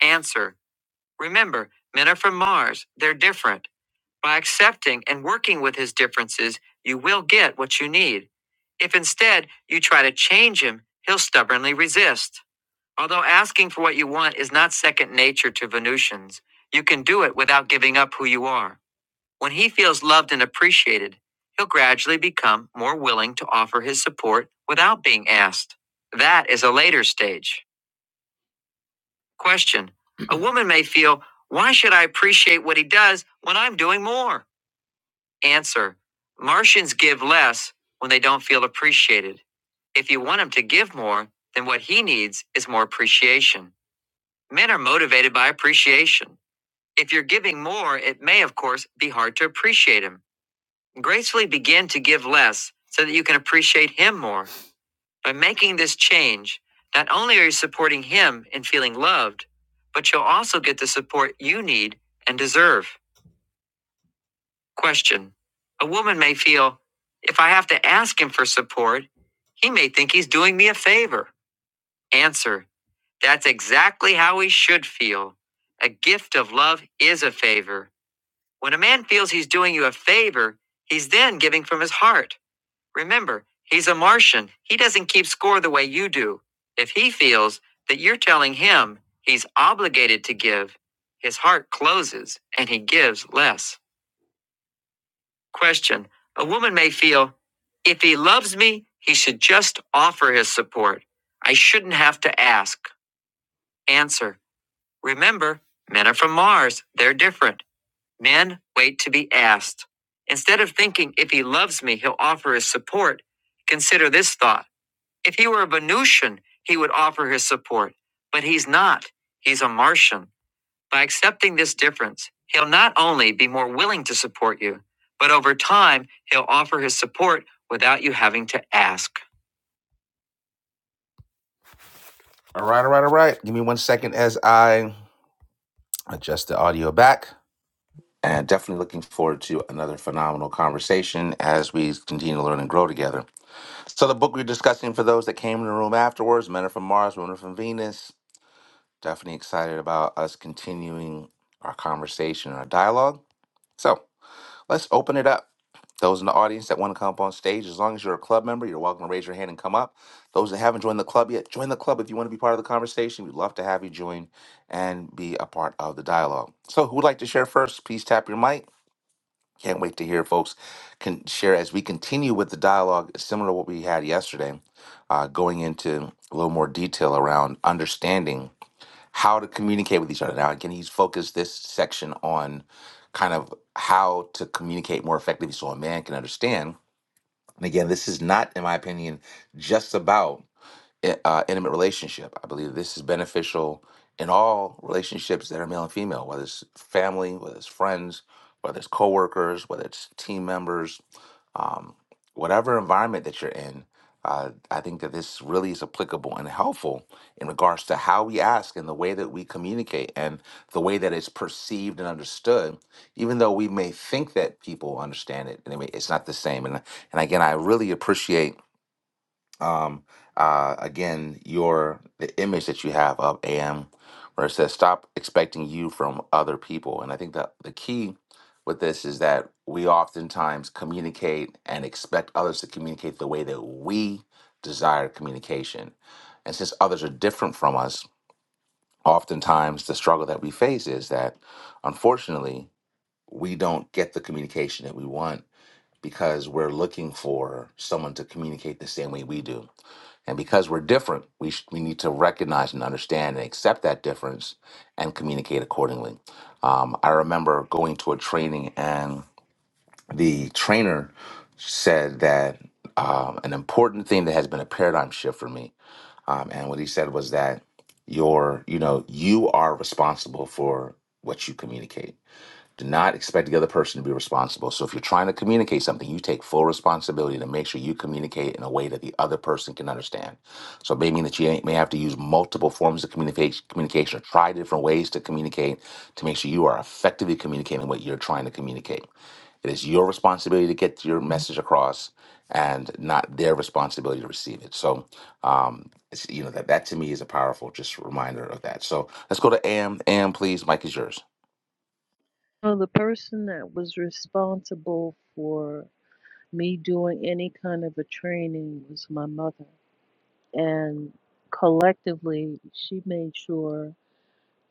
Speaker 1: Answer Remember, men are from Mars, they're different. By accepting and working with his differences, you will get what you need. If instead you try to change him, he'll stubbornly resist. Although asking for what you want is not second nature to Venusians, you can do it without giving up who you are. When he feels loved and appreciated, he'll gradually become more willing to offer his support without being asked. That is a later stage. Question A woman may feel, Why should I appreciate what he does when I'm doing more? Answer Martians give less when they don't feel appreciated. If you want him to give more, then what he needs is more appreciation. Men are motivated by appreciation. If you're giving more, it may, of course, be hard to appreciate him. Gracefully begin to give less so that you can appreciate him more. By making this change, not only are you supporting him in feeling loved, but you'll also get the support you need and deserve. Question A woman may feel, if I have to ask him for support, he may think he's doing me a favor. Answer That's exactly how he should feel. A gift of love is a favor. When a man feels he's doing you a favor, he's then giving from his heart. Remember, he's a Martian. He doesn't keep score the way you do. If he feels that you're telling him he's obligated to give, his heart closes and he gives less. Question A woman may feel, if he loves me, he should just offer his support. I shouldn't have to ask. Answer Remember, men are from Mars. They're different. Men wait to be asked. Instead of thinking, if he loves me, he'll offer his support, consider this thought. If he were a Venusian, he would offer his support. But he's not. He's a Martian. By accepting this difference, he'll not only be more willing to support you, but over time, he'll offer his support without you having to ask. All right, all right, all right. Give me one second as I adjust the audio back. And definitely looking forward to another phenomenal conversation as we continue to learn and grow together. So, the book we're discussing for those that came in the room afterwards Men Are From Mars, Women Are From Venus. Definitely excited about us continuing our conversation, our dialogue. So, Let's open it up. Those in the audience that want to come up on stage, as long as you're a club member, you're welcome to raise your hand and come up. Those that haven't joined the club yet, join the club if you want to be part of the conversation. We'd love to have you join and be a part of the dialogue. So, who would like to share first? Please tap your mic. Can't wait to hear folks can share as we continue with the dialogue, similar to what we had yesterday, uh, going into a little more detail around understanding how to communicate with each other. Now, again, he's focused this section on kind of how to communicate more effectively so a man can understand. And again, this is not, in my opinion, just about i- uh, intimate relationship. I believe this is beneficial in all relationships that are male and female, whether it's family, whether it's friends, whether it's coworkers, whether it's team members, um, whatever environment that you're in. Uh, I think that this really is applicable and helpful in regards to how we ask and the way that we communicate and the way that it's perceived and understood. Even though we may think that people understand it, and it may- it's not the same. And and again, I really appreciate um, uh, again, your the image that you have of AM, where it says stop expecting you from other people. And I think that the key with this is that we oftentimes communicate and expect others to communicate the way that we desire communication. And since others are different from us, oftentimes the struggle that we face is that unfortunately we don't get the communication that we want because we're looking for someone to communicate the same way we do and because we're different, we, sh- we need to recognize and understand and accept that difference and communicate accordingly. Um, I remember going to a training, and the trainer said that um, an important thing that has been a paradigm shift for me. Um, and what he said was that you're, you know, you are responsible for what you communicate do not expect the other person to be responsible. So if you're trying to communicate something, you take full responsibility to make sure you communicate in a way that the other person can understand. So it may mean that you may have to use multiple forms of communication, communication or try different ways to communicate to make sure you are effectively communicating what you're trying to communicate. It is your responsibility to get your message across and not their responsibility to receive it. So, um, it's, you know, that, that to me is a powerful just reminder of that. So let's go to AM. AM, please. Mike is yours.
Speaker 6: So the person that was responsible for me doing any kind of a training was my mother. And collectively she made sure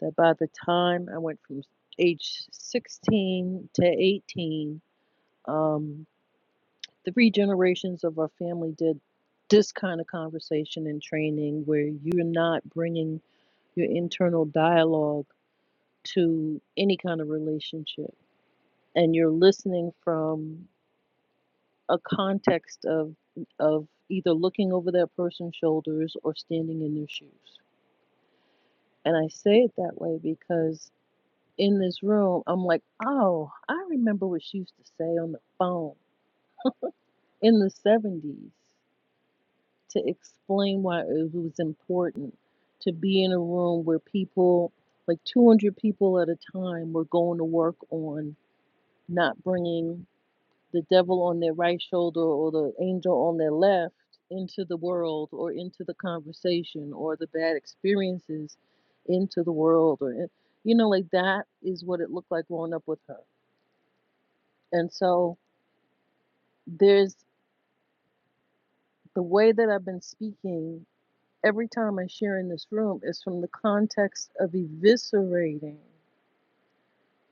Speaker 6: that by the time I went from age 16 to 18, um, three generations of our family did this kind of conversation and training where you're not bringing your internal dialogue to any kind of relationship and you're listening from a context of of either looking over that person's shoulders or standing in their shoes. And I say it that way because in this room, I'm like, oh, I remember what she used to say on the phone in the 70s to explain why it was important to be in a room where people, like 200 people at a time, were going to work on not bringing the devil on their right shoulder or the angel on their left into the world or into the conversation or the bad experiences into the world or in- you know like that is what it looked like growing up with her and so there's the way that I've been speaking every time I share in this room is from the context of eviscerating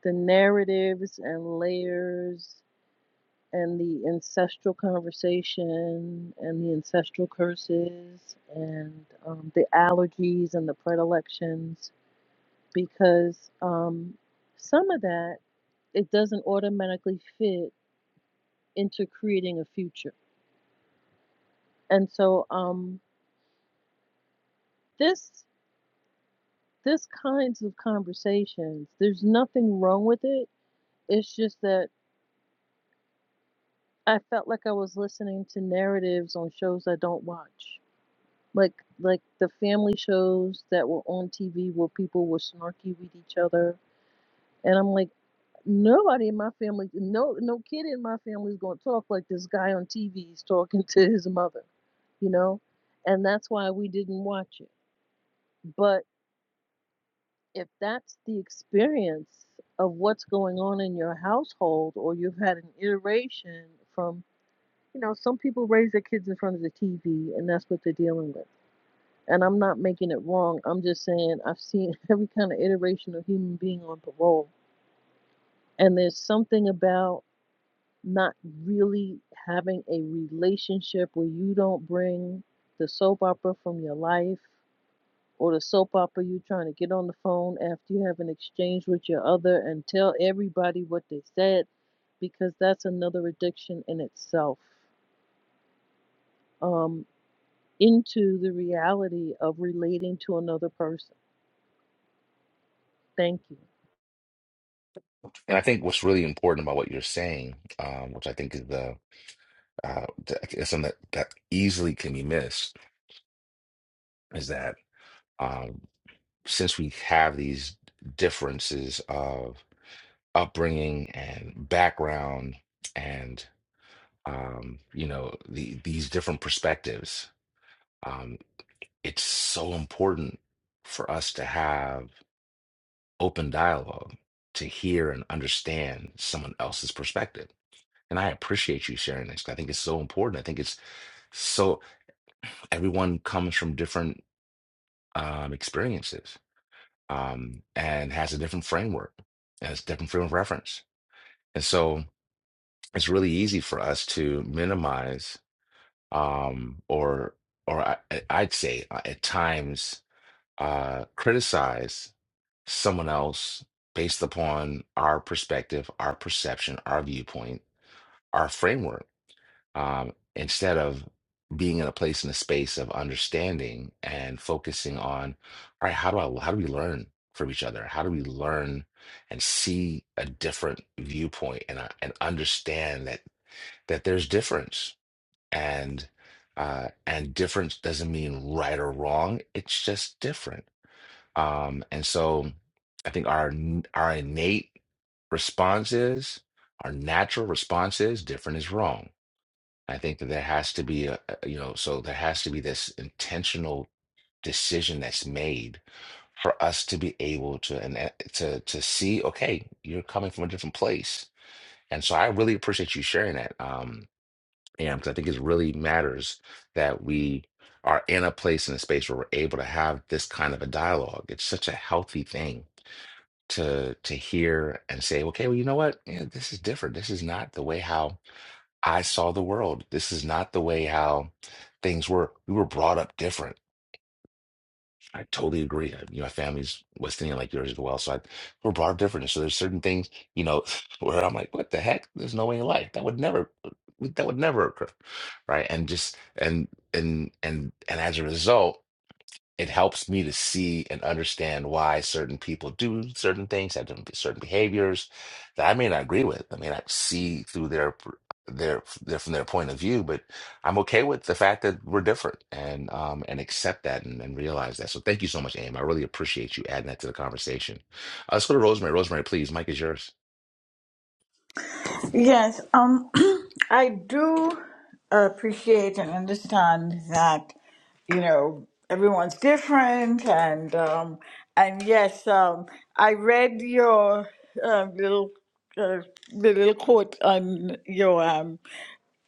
Speaker 6: the narratives and layers and the ancestral conversation and the ancestral curses and um, the allergies and the predilections because um, some of that it doesn't automatically fit into creating a future and so um, this this kinds of conversations there's nothing wrong with it it's just that i felt like i was listening to narratives on shows i don't watch like like the family shows that were on tv where people were snarky with each other and i'm like nobody in my family no no kid in my family is going to talk like this guy on tv is talking to his mother you know and that's why we didn't watch it but. if that's the experience of what's going on in your household or you've had an iteration from you know some people raise their kids in front of the tv and that's what they're dealing with and i'm not making it wrong i'm just saying i've seen every kind of iteration of human being on parole and there's something about not really having a relationship where you don't bring the soap opera from your life or the soap opera you trying to get on the phone after you have an exchange with your other and tell everybody what they said because that's another addiction in itself um, into the reality of relating to another person. Thank you.
Speaker 1: And I think what's really important about what you're saying, um, which I think is the uh, th- is something that, that easily can be missed, is that um, since we have these differences of upbringing and background, and um, you know the, these different perspectives, um, it's so important for us to have open dialogue, to hear and understand someone else's perspective And I appreciate you sharing this. I think it's so important. I think it's so everyone comes from different um, experiences um, and has a different framework, has different frame of reference. And so it's really easy for us to minimize um, or or I, I- I'd say uh, at times uh, criticize someone else based upon our perspective, our perception, our viewpoint, our framework um, instead of being in a place in a space of understanding and focusing on, all right, how do I how do we learn from each other? How do we learn and see a different viewpoint and uh, and understand that that there's difference and uh, and difference doesn't mean right or wrong. It's just different. Um, and so I think our n- our innate response is our natural response is different is wrong I think that there has to be a, a- you know, so there has to be this intentional decision that's made for us to be able to and uh, to to see, okay, you're coming from a different place. And so I really appreciate you sharing that, um, Am, because I think it really matters that we are in a place in a space where we're able to have this kind of a dialogue. It's such a healthy thing to to hear and say, okay, well, you know what? Yeah, this is different. This is not the way how I saw the world. This is not the way how things were. We were brought up different. I totally agree. I, you know, my family's West Indian like yours as well. So I, we're brought up different. So there's certain things, you know, where I'm like, what the heck? There's no way in life that would never, that would never occur, right? And just and and and and as a result it helps me to see and understand why certain people do certain things, have them- certain behaviors that I may not agree with. I may not see through their per- their, their from their point of view, but I'm okay with the fact that we're different and um and accept that and, and realize that. So thank you so much, Aim. I really appreciate you adding that to the conversation. Uh, let's go to Rosemary. Rosemary, please. Mike is yours.
Speaker 7: Yes, um, I do appreciate and understand that, you know, everyone's different, and um, and yes, um, I read your uh, little uh, the little quote on your um,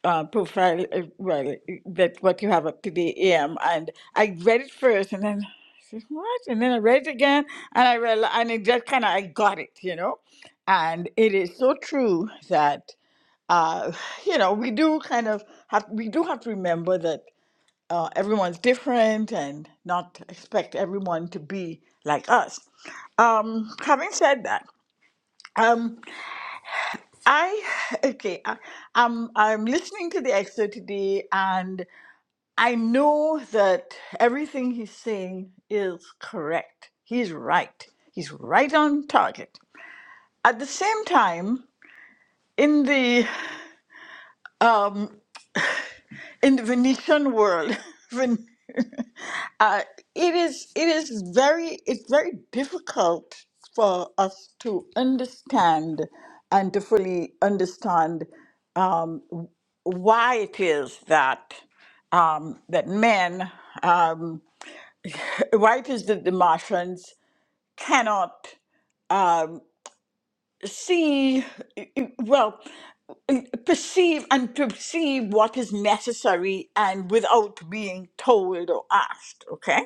Speaker 7: uh, profile, uh, well, that what you have up to the AM, and I read it first, and then I said, what, and then I read it again, and I realized, and it just kind of I got it, you know, and it is so true that uh, you know, we do kind of have we do have to remember that uh, everyone's different and not expect everyone to be like us. Um, having said that, um, I okay, I, I'm I'm listening to the excerpt today, and I know that everything he's saying is correct. He's right. He's right on target. At the same time, in the um, in the Venetian world, Ven- uh, it is it is very it's very difficult for us to understand and to fully understand um, why it is that um, that men um, why it is that the Martians cannot um, see well perceive and perceive what is necessary and without being told or asked. Okay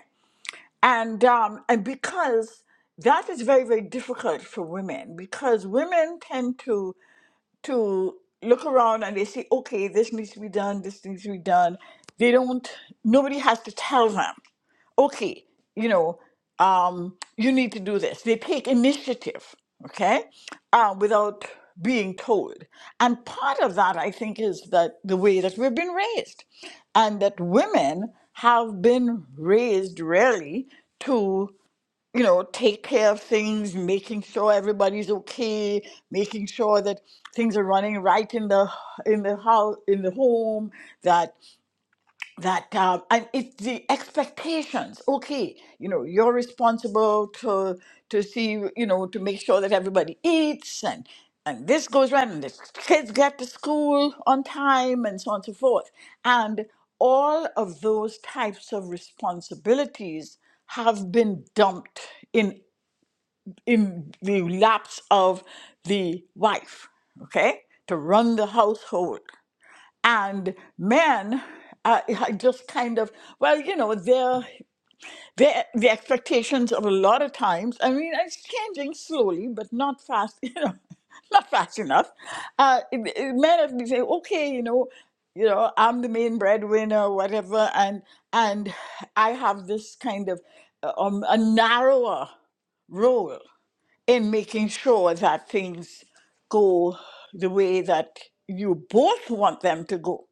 Speaker 7: and um, and because that is very very difficult for women because women tend to to look around and they say okay this needs to be done this needs to be done they don't nobody has to tell them okay, you know, um, you need to do this. They take initiative, okay, uh, without being told. And part of that, I think, is that the way that we've been raised, and that women have been raised really to, you know, take care of things, making sure everybody's okay, making sure that things are running right in the in the house in the home, that that um, and it's the expectations okay you know you're responsible to to see you know to make sure that everybody eats and and this goes right and the kids get to school on time and so on and so forth and all of those types of responsibilities have been dumped in in the laps of the wife okay to run the household and men uh, I just kind of well you know their their the expectations of a lot of times i mean it's changing slowly but not fast you know not fast enough uh, it- it- men have been saying okay you know you know i'm the main breadwinner whatever and and i have this kind of uh, um, a narrower role in making sure that things go the way that you both want them to go.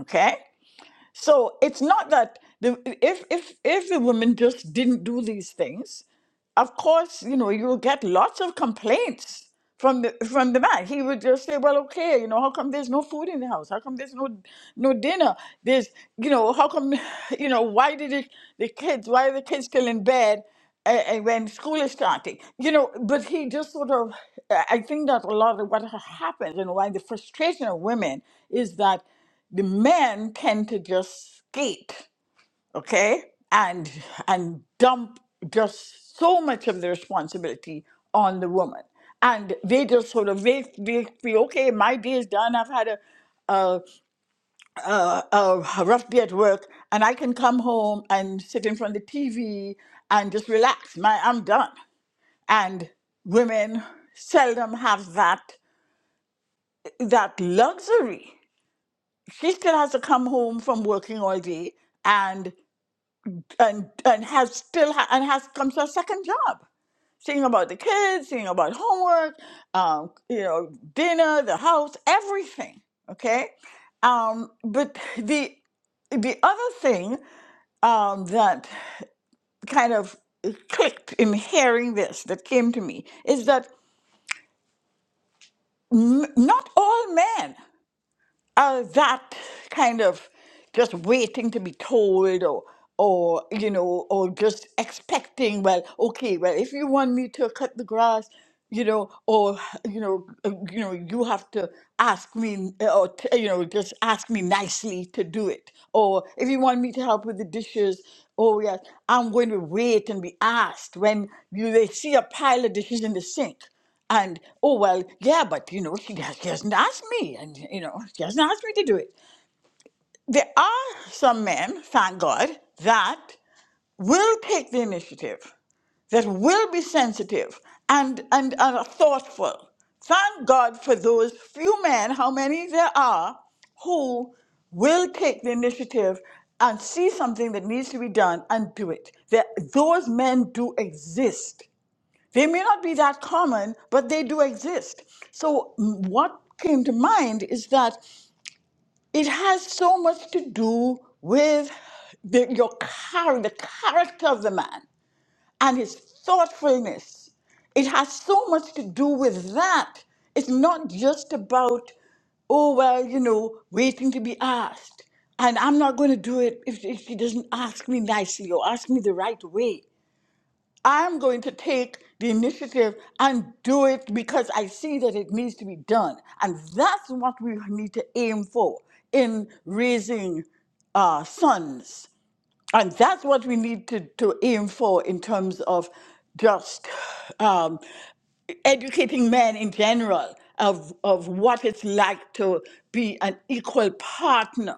Speaker 7: Okay? So it's not that the if if if the women just didn't do these things, of course, you know, you'll get lots of complaints from the from the man. He would just say, "Well, okay, you know, how come there's no food in the house? How come there's no no dinner? There's, you know, how come, you know, why did it, the kids? Why are the kids still in bed?" a- a- when school is starting, you know, but he just sort of, I I think that a lot of what happens and why the frustration of women is that the men tend to just skate okay and and dump just so much of the responsibility on the woman and they just sort of they, they feel okay my day is done i've had a a, a, a rough day at work and i can come home and sit in front of the tv and just relax my i'm done and women seldom have that that luxury she still has to come home from working all day and. and and has still ha- and has comes to a second job seeing about the kids seeing about homework um, you know dinner the house everything okay um, but the the other thing um, that kind of clicked in hearing this that came to me is that m- not all men uh, that kind of just waiting to be told or or you know or just expecting well okay well if you want me to cut the grass you know or you know uh, you know you have to ask me uh, or t- you know just ask me nicely to do it or if you want me to help with the dishes oh yes i'm going to wait and be asked when you they see a pile of dishes in the sink and oh well, yeah, but you know, she, has- she hasn't asked me, and you know, she hasn't asked me to do it. There are some men, thank God, that will take the initiative, that will be sensitive and and, and are thoughtful. Thank God for those few men, how many there are, who will take the initiative and see something that needs to be done and do it. That those men do exist. They may not be that common, but they do exist. So, m- what came to mind is that it has so much to do with the, your char- the character of the man and his thoughtfulness. It has so much to do with that. It's not just about, oh, well, you know, waiting to be asked. And I'm not going to do it if, if she doesn't ask me nicely or ask me the right way. I'm going to take the initiative and do it because I see that it needs to be done. And that's what we need to aim for in raising uh, sons. And that's what we need to, to aim for in terms of just um, educating men in general of, of what it's like to be an equal partner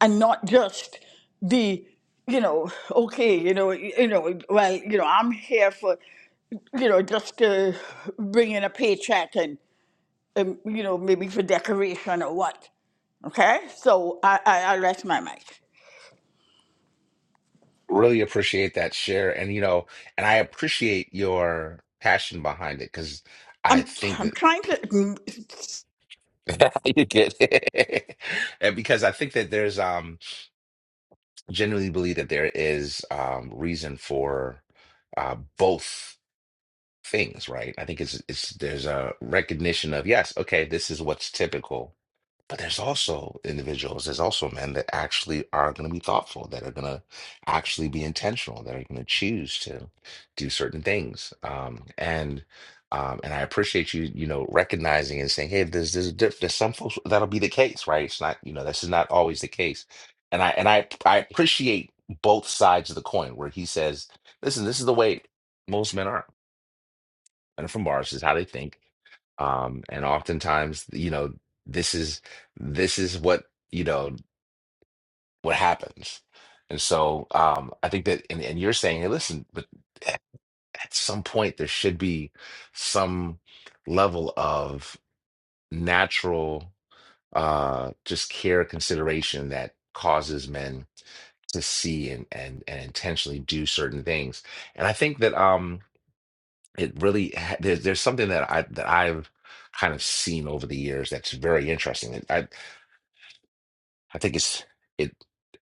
Speaker 7: and not just the you know okay you know you know well you know i'm here for you know, just to bring in a paycheck and, and you know, maybe for decoration or what. Okay, so I, I, I rest my mic.
Speaker 1: Really appreciate that share, and you know, and I appreciate your passion behind it because I
Speaker 7: I'm
Speaker 1: think that.
Speaker 7: I'm trying to. mm,
Speaker 1: you get it. And because I think that there's um genuinely believe that there is um reason for uh both things, right? I think it's it's there's a recognition of yes, okay, this is what's typical but there's also individuals, there's also men that actually are going to be thoughtful, that are going to actually be intentional, that are going to choose to do certain things. Um, and um, and I appreciate you, you know, recognizing and saying, hey, there's there's a diff- there's some folks that'll be the case, right? It's not, you know, this is not always the case. And I and I I appreciate both sides of the coin where he says, listen, this is the way most men are and from bars is how they think um and oftentimes you know this is this is what you know what happens and so um i think that and, and you're saying hey listen but at, at some point there should be some level of natural uh just care consideration that causes men to see and and and intentionally do certain things and i think that um it really ha- there's there's something that I that I've kind of seen over the years that's very interesting. It- I I think it's it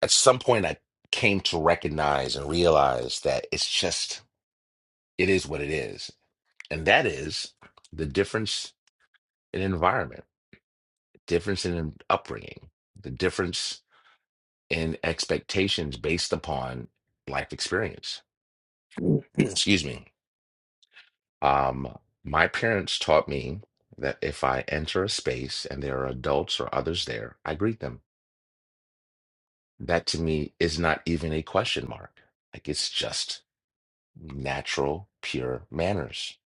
Speaker 1: at some point I came to recognize and realize that it's just it is what it is, and that is the difference in environment, difference in upbringing, the difference in expectations based upon life experience. Excuse me Um, my parents taught me that if I enter a space and there are adults or others there, I greet them. That to me is not even a question mark. Like it's just natural, pure manners.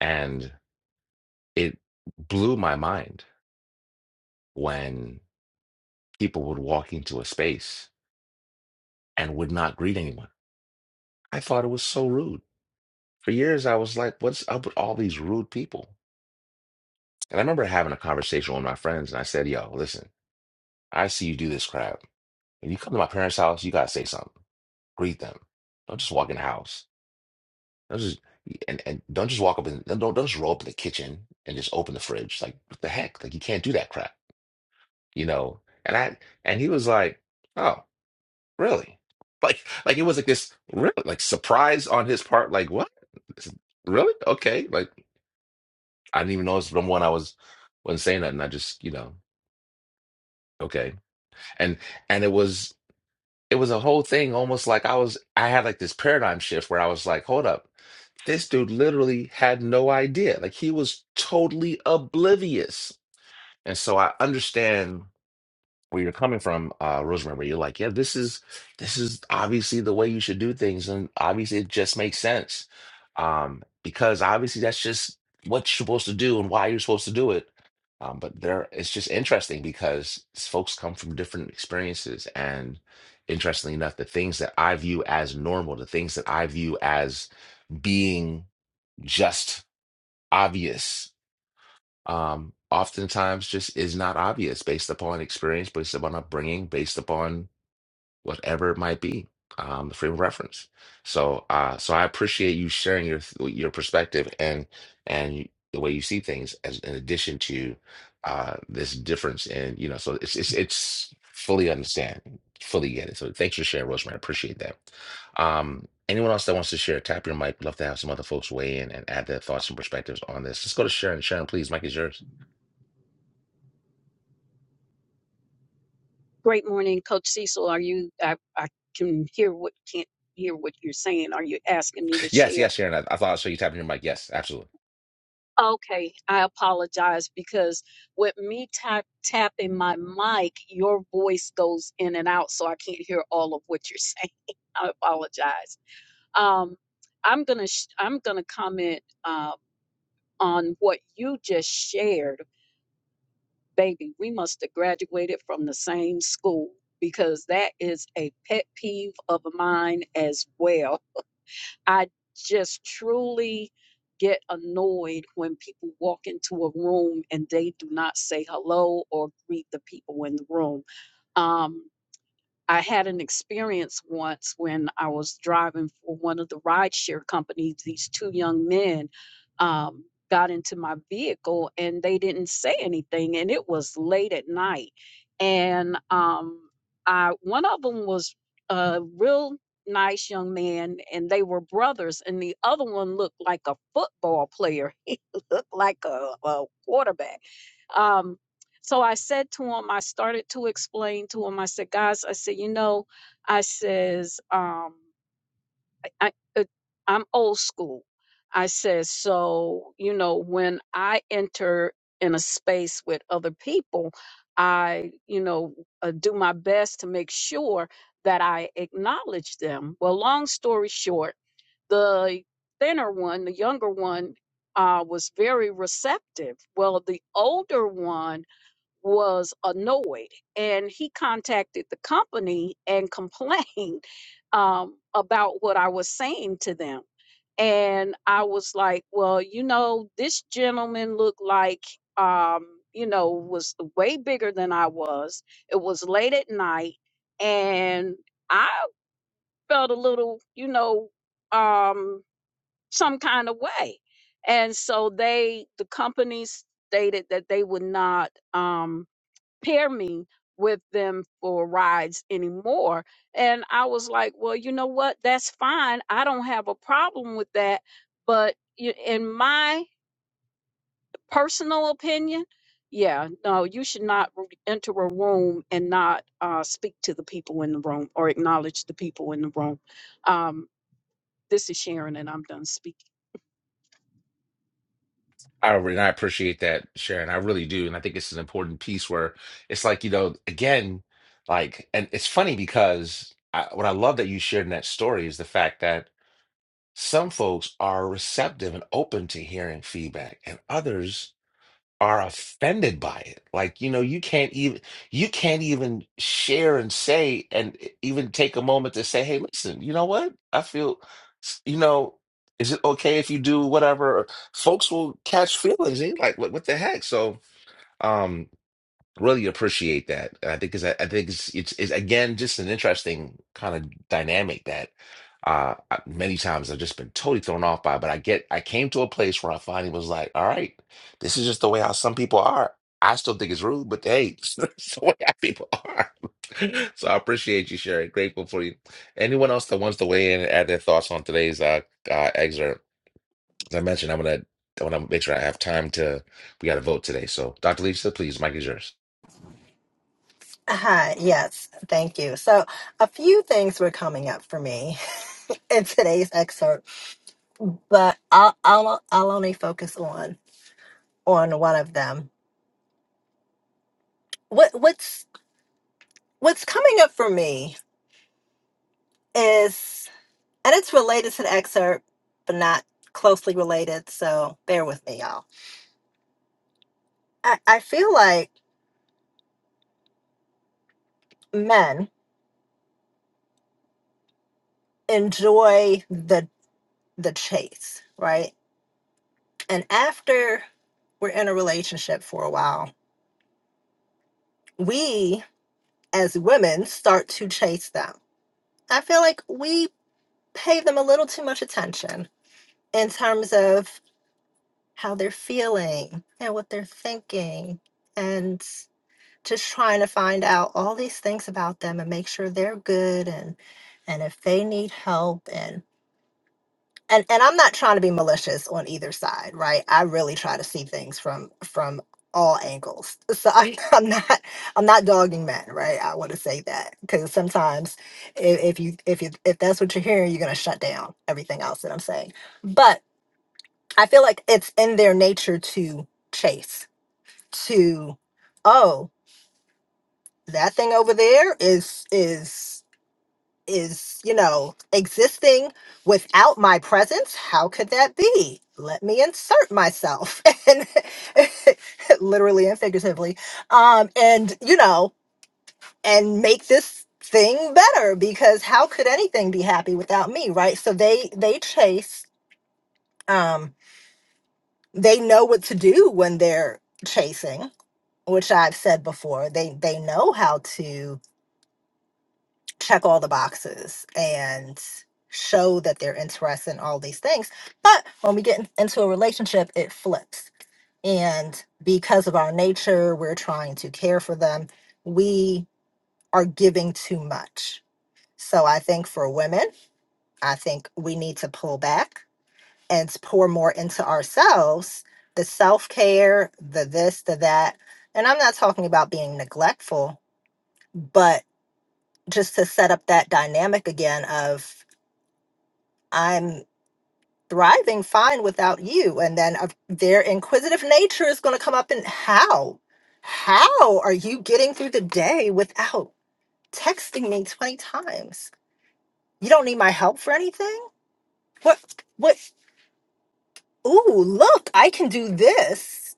Speaker 1: And it blew my mind when people would walk into a space and would not greet anyone. I thought it was so rude. For years, I was like, what's up with all these rude people? And I remember having a conversation with my friends, and I said, yo, listen, I see you do this crap When you come to my parents' house, you gotta say something. Greet them. Don't just walk in the house. Don't just and, and don't just walk up and no, don't don't just roll up in the kitchen and just open the fridge. Like what the heck? Like you can't do that crap, you know? And I and he was like, Oh, really? Like like it was like this really like surprise on his part, like what? This- Really? Okay. Like I didn't even notice from when I was wasn't saying nothing. I just, you know, okay. And and it was it was a whole thing almost like I was I had like this paradigm shift where I was like, hold up, this dude literally had no idea. Like he was totally oblivious. And so I understand where you're coming from, uh, Rosemary, where you're like, yeah, this is this is obviously the way you should do things, and obviously it just makes sense, um, because obviously that's just what you're supposed to do and why you're supposed to do it. Um, but there, it's just interesting because folks come from different experiences, and interestingly enough, the things that I view as normal, the things that I view as being just obvious um, oftentimes just is not obvious based upon experience, based upon upbringing, based upon whatever it might be, um, the frame of reference. So, uh, so I appreciate you sharing your your perspective and and the way you see things, as in addition to uh, this difference in you know. So it's it's it's fully understand, fully get it. So thanks for sharing, Rosemary. I appreciate that. Um, anyone else that wants to share, tap your mic. Love to have some other folks weigh in and add their thoughts and perspectives on this. Let's go to Sharon. Sharon, please, mic is yours.
Speaker 4: Great morning, Coach Cecil. Are you? I, I can hear what can't hear what you're saying. Are you asking me to
Speaker 1: Yes,
Speaker 4: share?
Speaker 1: yes, Sharon. I, I thought I saw you tapping your mic. Yes, absolutely.
Speaker 4: Okay, I apologize because with me tap tapping my mic, your voice goes in and out, so I can't hear all of what you're saying. I apologize. Um, I'm gonna sh- I'm gonna comment uh, on what you just shared, baby. We must have graduated from the same school because that is a pet peeve of mine as well. I just truly get annoyed when people walk into a room and they do not say hello or greet the people in the room. Um, I had an experience once when I was driving for one of the rideshare companies. These two young men um, got into my vehicle and they didn't say anything, and it was late at night. And um, I, one of them was a real nice young man, and they were brothers, and the other one looked like a football player. He looked like a, a quarterback um, so I said to him, I started to explain to him, I said, guys, I said, you know, I says, um, I, uh, I'm old school. I says, so, you know, when I enter in a space with other people, I, you know, uh, do my best to make sure that I acknowledge them. Well, long story short, the thinner one, the younger one, uh, was very receptive. Well, the older one, was annoyed and he contacted the company and complained um, about what I was saying to them. And I was like, well, you know, this gentleman looked like, um, you know, was way bigger than I was. It was late at night and I felt a little, you know, um, some kind of way. And so they, the company stated that they would not. um, pair me with them for rides anymore. And I was like, well, you know what? That's fine. I don't have a problem with that. But y- in my personal opinion, yeah, no, you should not r- enter a room and not uh, speak to the people in the room or acknowledge the people in the room. Um, this is Sharon, and I'm done speaking.
Speaker 1: I re- and I appreciate that, Sharon. I really do, and I think it's an important piece where it's like you know, again, like, and it's funny because I, what I love that you shared in that story is the fact that some folks are receptive and open to hearing feedback, and others are offended by it like you know you can't even you can't even share and say and e, even take a moment to say hey listen you know what i feel you know is it okay if you do whatever folks will catch feelings they like what, what the heck so um Really appreciate that. I think is I think it's, it's it's again just an interesting kind of dynamic that uh I- many times I've just been totally thrown off by. But I get I came to a place where I finally was like, all right, this is just the way how some people are. I still think it's rude, but hey, it's the way how people are. So I appreciate you sharing. Grateful for you. Anyone else that wants to weigh in and add their thoughts on today's uh, uh excerpt? As I mentioned, I'm gonna I want to make sure I have time to. We got to vote today. So, Dr. Lisa, please, Mike is yours.
Speaker 5: Hi, yes, thank you. So, a few things were coming up for me in today's excerpt, but I'll I'll, I'll only focus on on one of them. What what's what's coming up for me is And it's related to the excerpt, but not closely related. So bear with me, y'all. I, I feel like men enjoy the the chase, right? And after we're in a relationship for a while, we as women start to chase them. I feel like we pay them a little too much attention in terms of how they're feeling and what they're thinking. and just trying to find out all these things about them and make sure they're good and and if they need help and and and I'm not trying to be malicious on either side, right? I really try to see things from from all angles. So I, I'm not I'm not dogging men, right? I want to say that because sometimes if, if you if you if that's what you're hearing, you're gonna shut down everything else that I'm saying. But I feel like it's in their nature to chase to oh that thing over there is is is you know existing without my presence how could that be let me insert myself and literally and figuratively um and you know and make this thing better because how could anything be happy without me right so they they chase um they know what to do when they're chasing which i've said before they they know how to check all the boxes and show that they're interested in all these things. But when we get in- into a relationship, it flips. And because of our nature, we're trying to care for them. We are giving too much. So I think for women, I think we need to pull back and s- pour more into ourselves the self care, the this, the that. And I'm not talking about being neglectful, but just to set up that dynamic again of. I'm thriving fine without you. And then of their inquisitive nature is going to come up and how? How are you getting through the day without texting me 20 times? You don't need my help for anything? What, what, ooh, look, I can do this.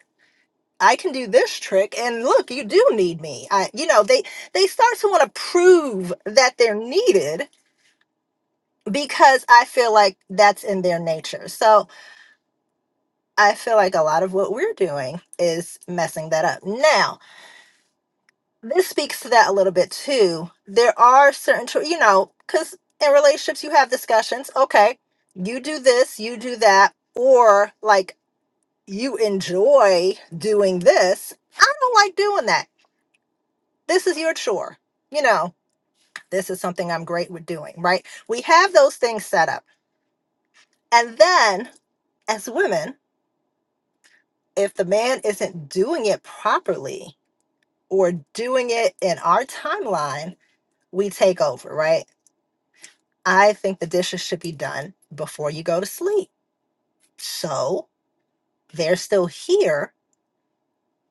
Speaker 5: I can do this trick and look, you do need me. I you know, they they start to want to prove that they're needed because I feel like that's in their nature. So, I feel like a lot of what we're doing is messing that up. Now, this speaks to that a little bit too. There are certain, tr- you know, because in relationships you have discussions. Okay, you do this, you do that, or like you enjoy doing this. I don't like doing that. This is your chore. You know, this is something I'm great with doing, right? We have those things set up. And then as women, if the man isn't doing it properly, or doing it in our timeline, we take over, right? I think the dishes should be done before you go to sleep. So they're still here.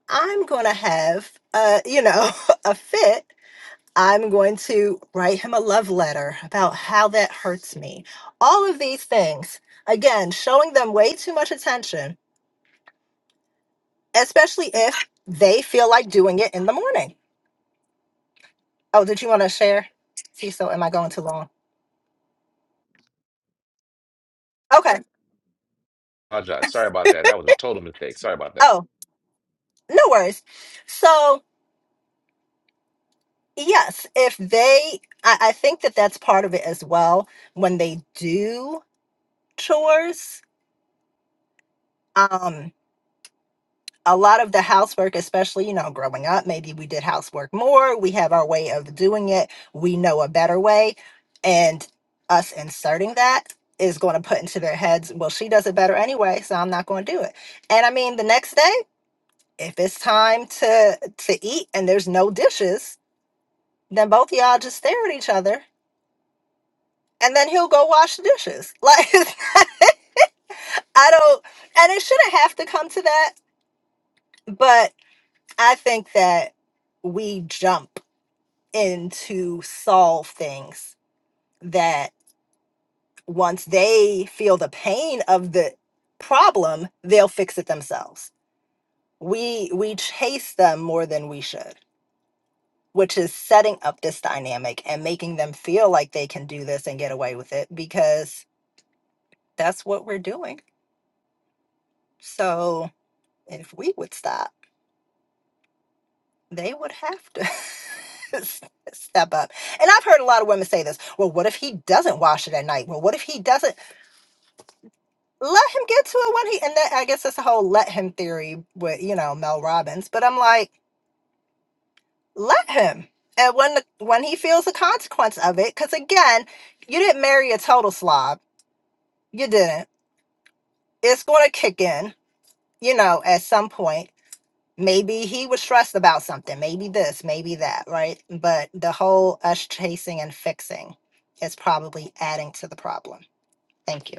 Speaker 5: I'm going to have, a, you know, a fit. I'm going to write him a love letter about how that hurts me. All of these things, again, showing them way too much attention, especially if they feel like doing it in the morning. Oh, did you want to share? See, so am I going too long? Okay.
Speaker 1: apologize. Sorry about that. That was a total mistake. Sorry about that.
Speaker 5: Oh. no worries. So, yes, if they, I, I think that that's part of it as well. When they do chores, um, a lot of the housework, especially, you know, growing up, maybe we did housework more. We have our way of doing it. We know a better way. And us inserting that is going to put into their heads, well, she does it better anyway, so I'm not going to do it. And I mean, the next day, if it's time to to eat and there's no dishes, then both of y'all just stare at each other and then he'll go wash the dishes. Like it's not- I don't and it shouldn't have to come to that, but I think that we jump in to solve things that once they feel the pain of the problem, they'll fix it themselves. We we chase them more than we should, which is setting up this dynamic and making them feel like they can do this and get away with it because that's what we're doing. So if we would stop they would have to s- step up. And I've heard a lot of women say this. Well, what if he doesn't wash it at night? Well, what if he doesn't let him get to it when he? And that, I guess that's the whole let him theory with you know Mel Robbins. But I'm like, let him. And when the, when he feels the consequence of it, because again, you didn't marry a total slob. You didn't. It's going to kick in, you know, at some point. maybe he was stressed about something maybe this maybe that right but the whole us chasing and fixing is probably adding to the problem thank you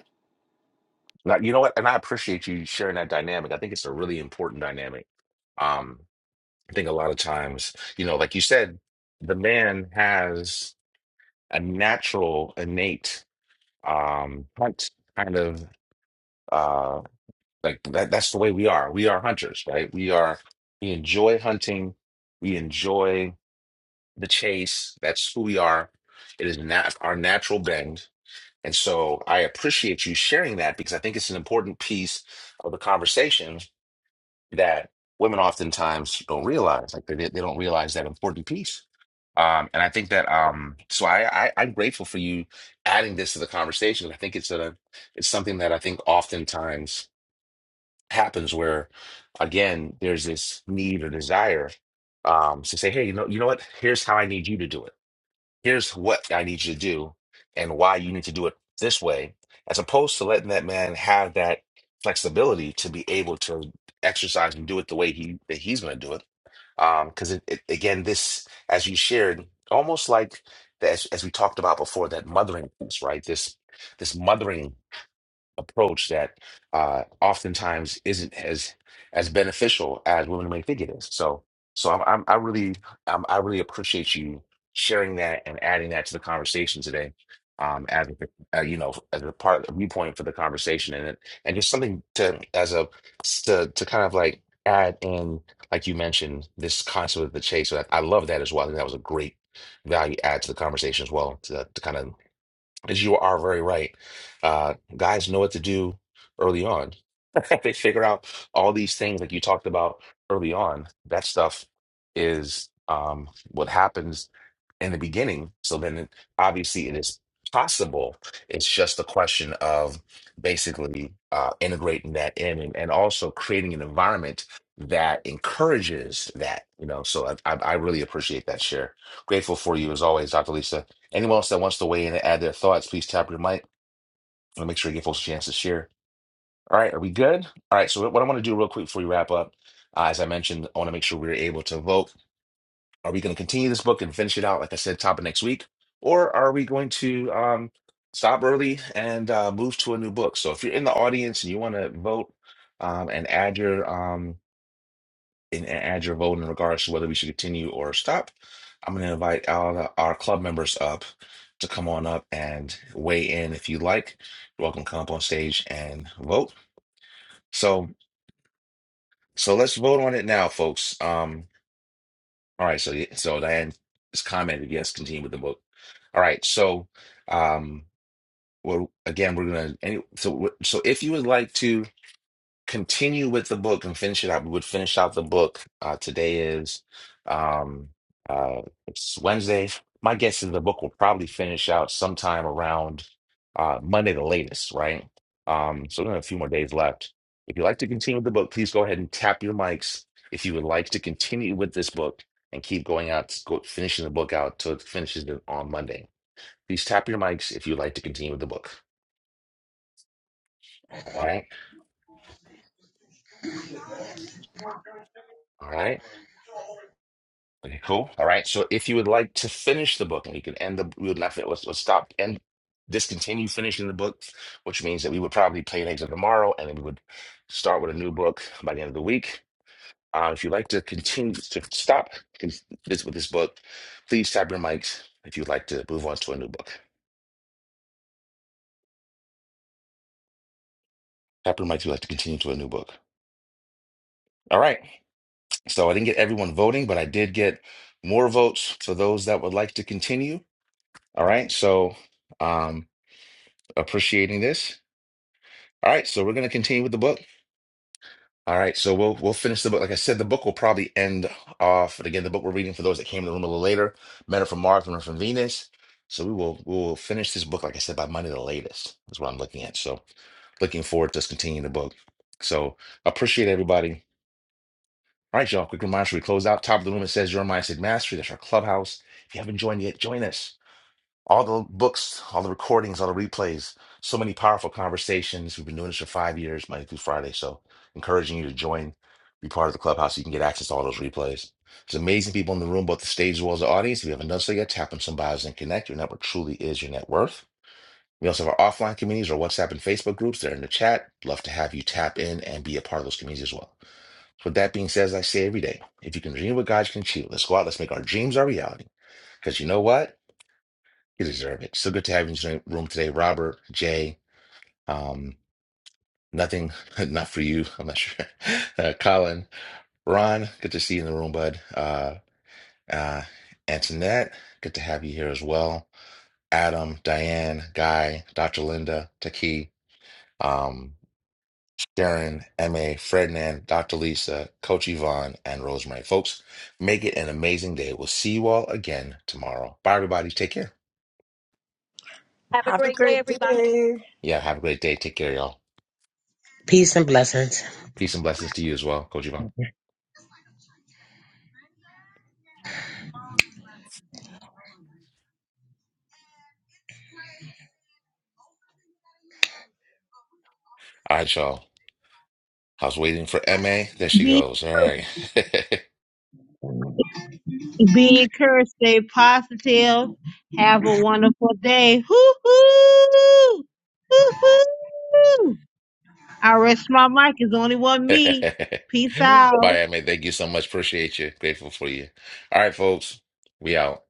Speaker 1: Now, you know what? And I appreciate you sharing that dynamic. I think it's a really important dynamic. Um, I think a lot of times, you know, like you said, the man has a natural, innate um, hunt kind of uh, like that. That's the way we are. We are hunters, right? We are. We enjoy hunting. We enjoy the chase. That's who we are. It is nat- our natural bend And so I appreciate you sharing that because I think it's an important piece of the conversation that women oftentimes don't realize. Like they, they don't realize that important piece. Um, and I think that um, so I, I I'm grateful for you adding this to the conversation. I think it's a it's something that I think oftentimes happens where again there's this need or desire um, to say, hey, you know, you know what? Here's how I need you to do it here's what I need you to do and why you need to do it this way, as opposed to letting that man have that flexibility to be able to exercise and do it the way he that he's going to do it. Um, because it, it, again, this as you shared, almost like the, as as we talked about before, that mothering piece, right? This this mothering approach that uh, oftentimes isn't as as beneficial as women may think it is. So, so I'm, I'm I really um, I really appreciate you sharing that and adding that to the conversation today. Um, as a, uh, you know, as a part a viewpoint for the conversation, and it- and just something to as a to to kind of like add in, like you mentioned, this concept of the chase. So I, I love that as well. I think that was a great value add to the conversation as well to, to kind of as you are very right, uh, guys know what to do early on. they figure out all these things like you talked about early on, that stuff is um, what happens in the beginning. So then, it, obviously, it is possible. It's just a question of basically uh, integrating that in and, and also creating an environment that encourages that. You know, so I, I I really appreciate that share. Grateful for you as always, Dr. Lisa. Anyone else that wants to weigh in and add their thoughts, please tap your mic and make sure you give folks a chance to share. All right, are we good? All right, so what I want to do real quick before we wrap up, uh, as I mentioned, I want to make sure we're able to vote. Are we going to continue this book and finish it out, like I said, top of next week? Or are we going to um, stop early and uh, move to a new book? So if you're in the audience and you want to vote um, and add your um, and, and add your vote in regards to whether we should continue or stop, I'm going to invite all the, our club members up to come on up and weigh in if you'd like. You're welcome to come up on stage and vote. So. So let's vote on it now, folks. Um, all right, so yeah, so Diane has commented, yes, continue with the vote. All right, so um well again we're gonna any so so if you would like to continue with the book and finish it out. We would finish out the book. Uh, today is um, uh, it's Wednesday. My guess is the book will probably finish out sometime around uh, Monday, the latest, right? Um, so we have a few more days left. If you'd like to continue with the book, please go ahead and tap your mics. If you would like to continue with this book and keep going out, go, finishing the book out till it finishes on Monday. Please tap your mics if you'd like to continue with the book. All right. All right. Okay, cool. All right. So if you would like to finish the book, and you can end the, we would not, fin- let's, let's stop and discontinue finishing the book, which means that we would probably play an exit tomorrow, and then we would start with a new book by the end of the week. Uh, if you'd like to continue to stop con- this with this book, please tap your mics if you'd like to move on to a new book. Tap your mics if you'd like to continue to a new book. All right. So I didn't get everyone voting, but I did get more votes for those that would like to continue. All right. So um appreciating this. All right, so we're going to continue with the book. All right, so we'll we'll finish the book. Like I said, the book will probably end off. And again, the book we're reading for those that came in the room a little later, Men are from Mars, Women are from Venus. So we will we will finish this book, like I said, by Monday the latest is what I'm looking at. So looking forward to us continuing the book. So appreciate everybody. All right, y'all. Quick reminder: should we close out top of the room? It says your mindset mastery. That's our clubhouse. If you haven't joined yet, join us all the books, all the recordings, all the replays, so many powerful conversations. We've been doing this for five years, Monday through Friday. So, encouraging you to join, be part of the clubhouse. so You can get access to all those replays. There's amazing people in the room, both the stage as well as the audience. If you haven't done so yet, tap on some bios and connect. Your network truly is your net worth. We also have our offline communities, our WhatsApp and Facebook groups. They're in the chat. Love to have you tap in and be a part of those communities as well. So, with that being said, as I say every day, if you can dream what God can achieve, let's go out. Let's make our dreams our reality. Because you know what? You deserve it. So good to have you in the room today, Robert, Jay. Um, nothing, not for you. I'm not sure. Uh, Colin, Ron, good to see you in the room, bud. Uh, uh, Antoinette, good to have you here as well. Adam, Diane, Guy, Dr. Linda, Taki, um, Darren, MA, Ferdinand, Dr. Lisa, Coach Yvonne, and Rosemary. Folks, make it an amazing day. We'll see you all again tomorrow. Bye, everybody. Take care.
Speaker 4: Have a
Speaker 7: Have a
Speaker 4: great day,
Speaker 7: great
Speaker 4: everybody.
Speaker 7: day.
Speaker 1: Yeah, have a great day. Take care, y'all.
Speaker 9: Peace and blessings.
Speaker 1: Peace and blessings to you as well, Coach Yvonne. All right, y'all. I was waiting for MA. There she
Speaker 2: Be,
Speaker 1: goes. All right.
Speaker 2: be encouraged, stay positive, have a wonderful day. Hoo-hoo! Hoo-hoo! I rest my mic. It's only one me. Peace out.
Speaker 1: Bye, MA. Thank you so much. Appreciate you. Grateful for you. All right, folks. We out.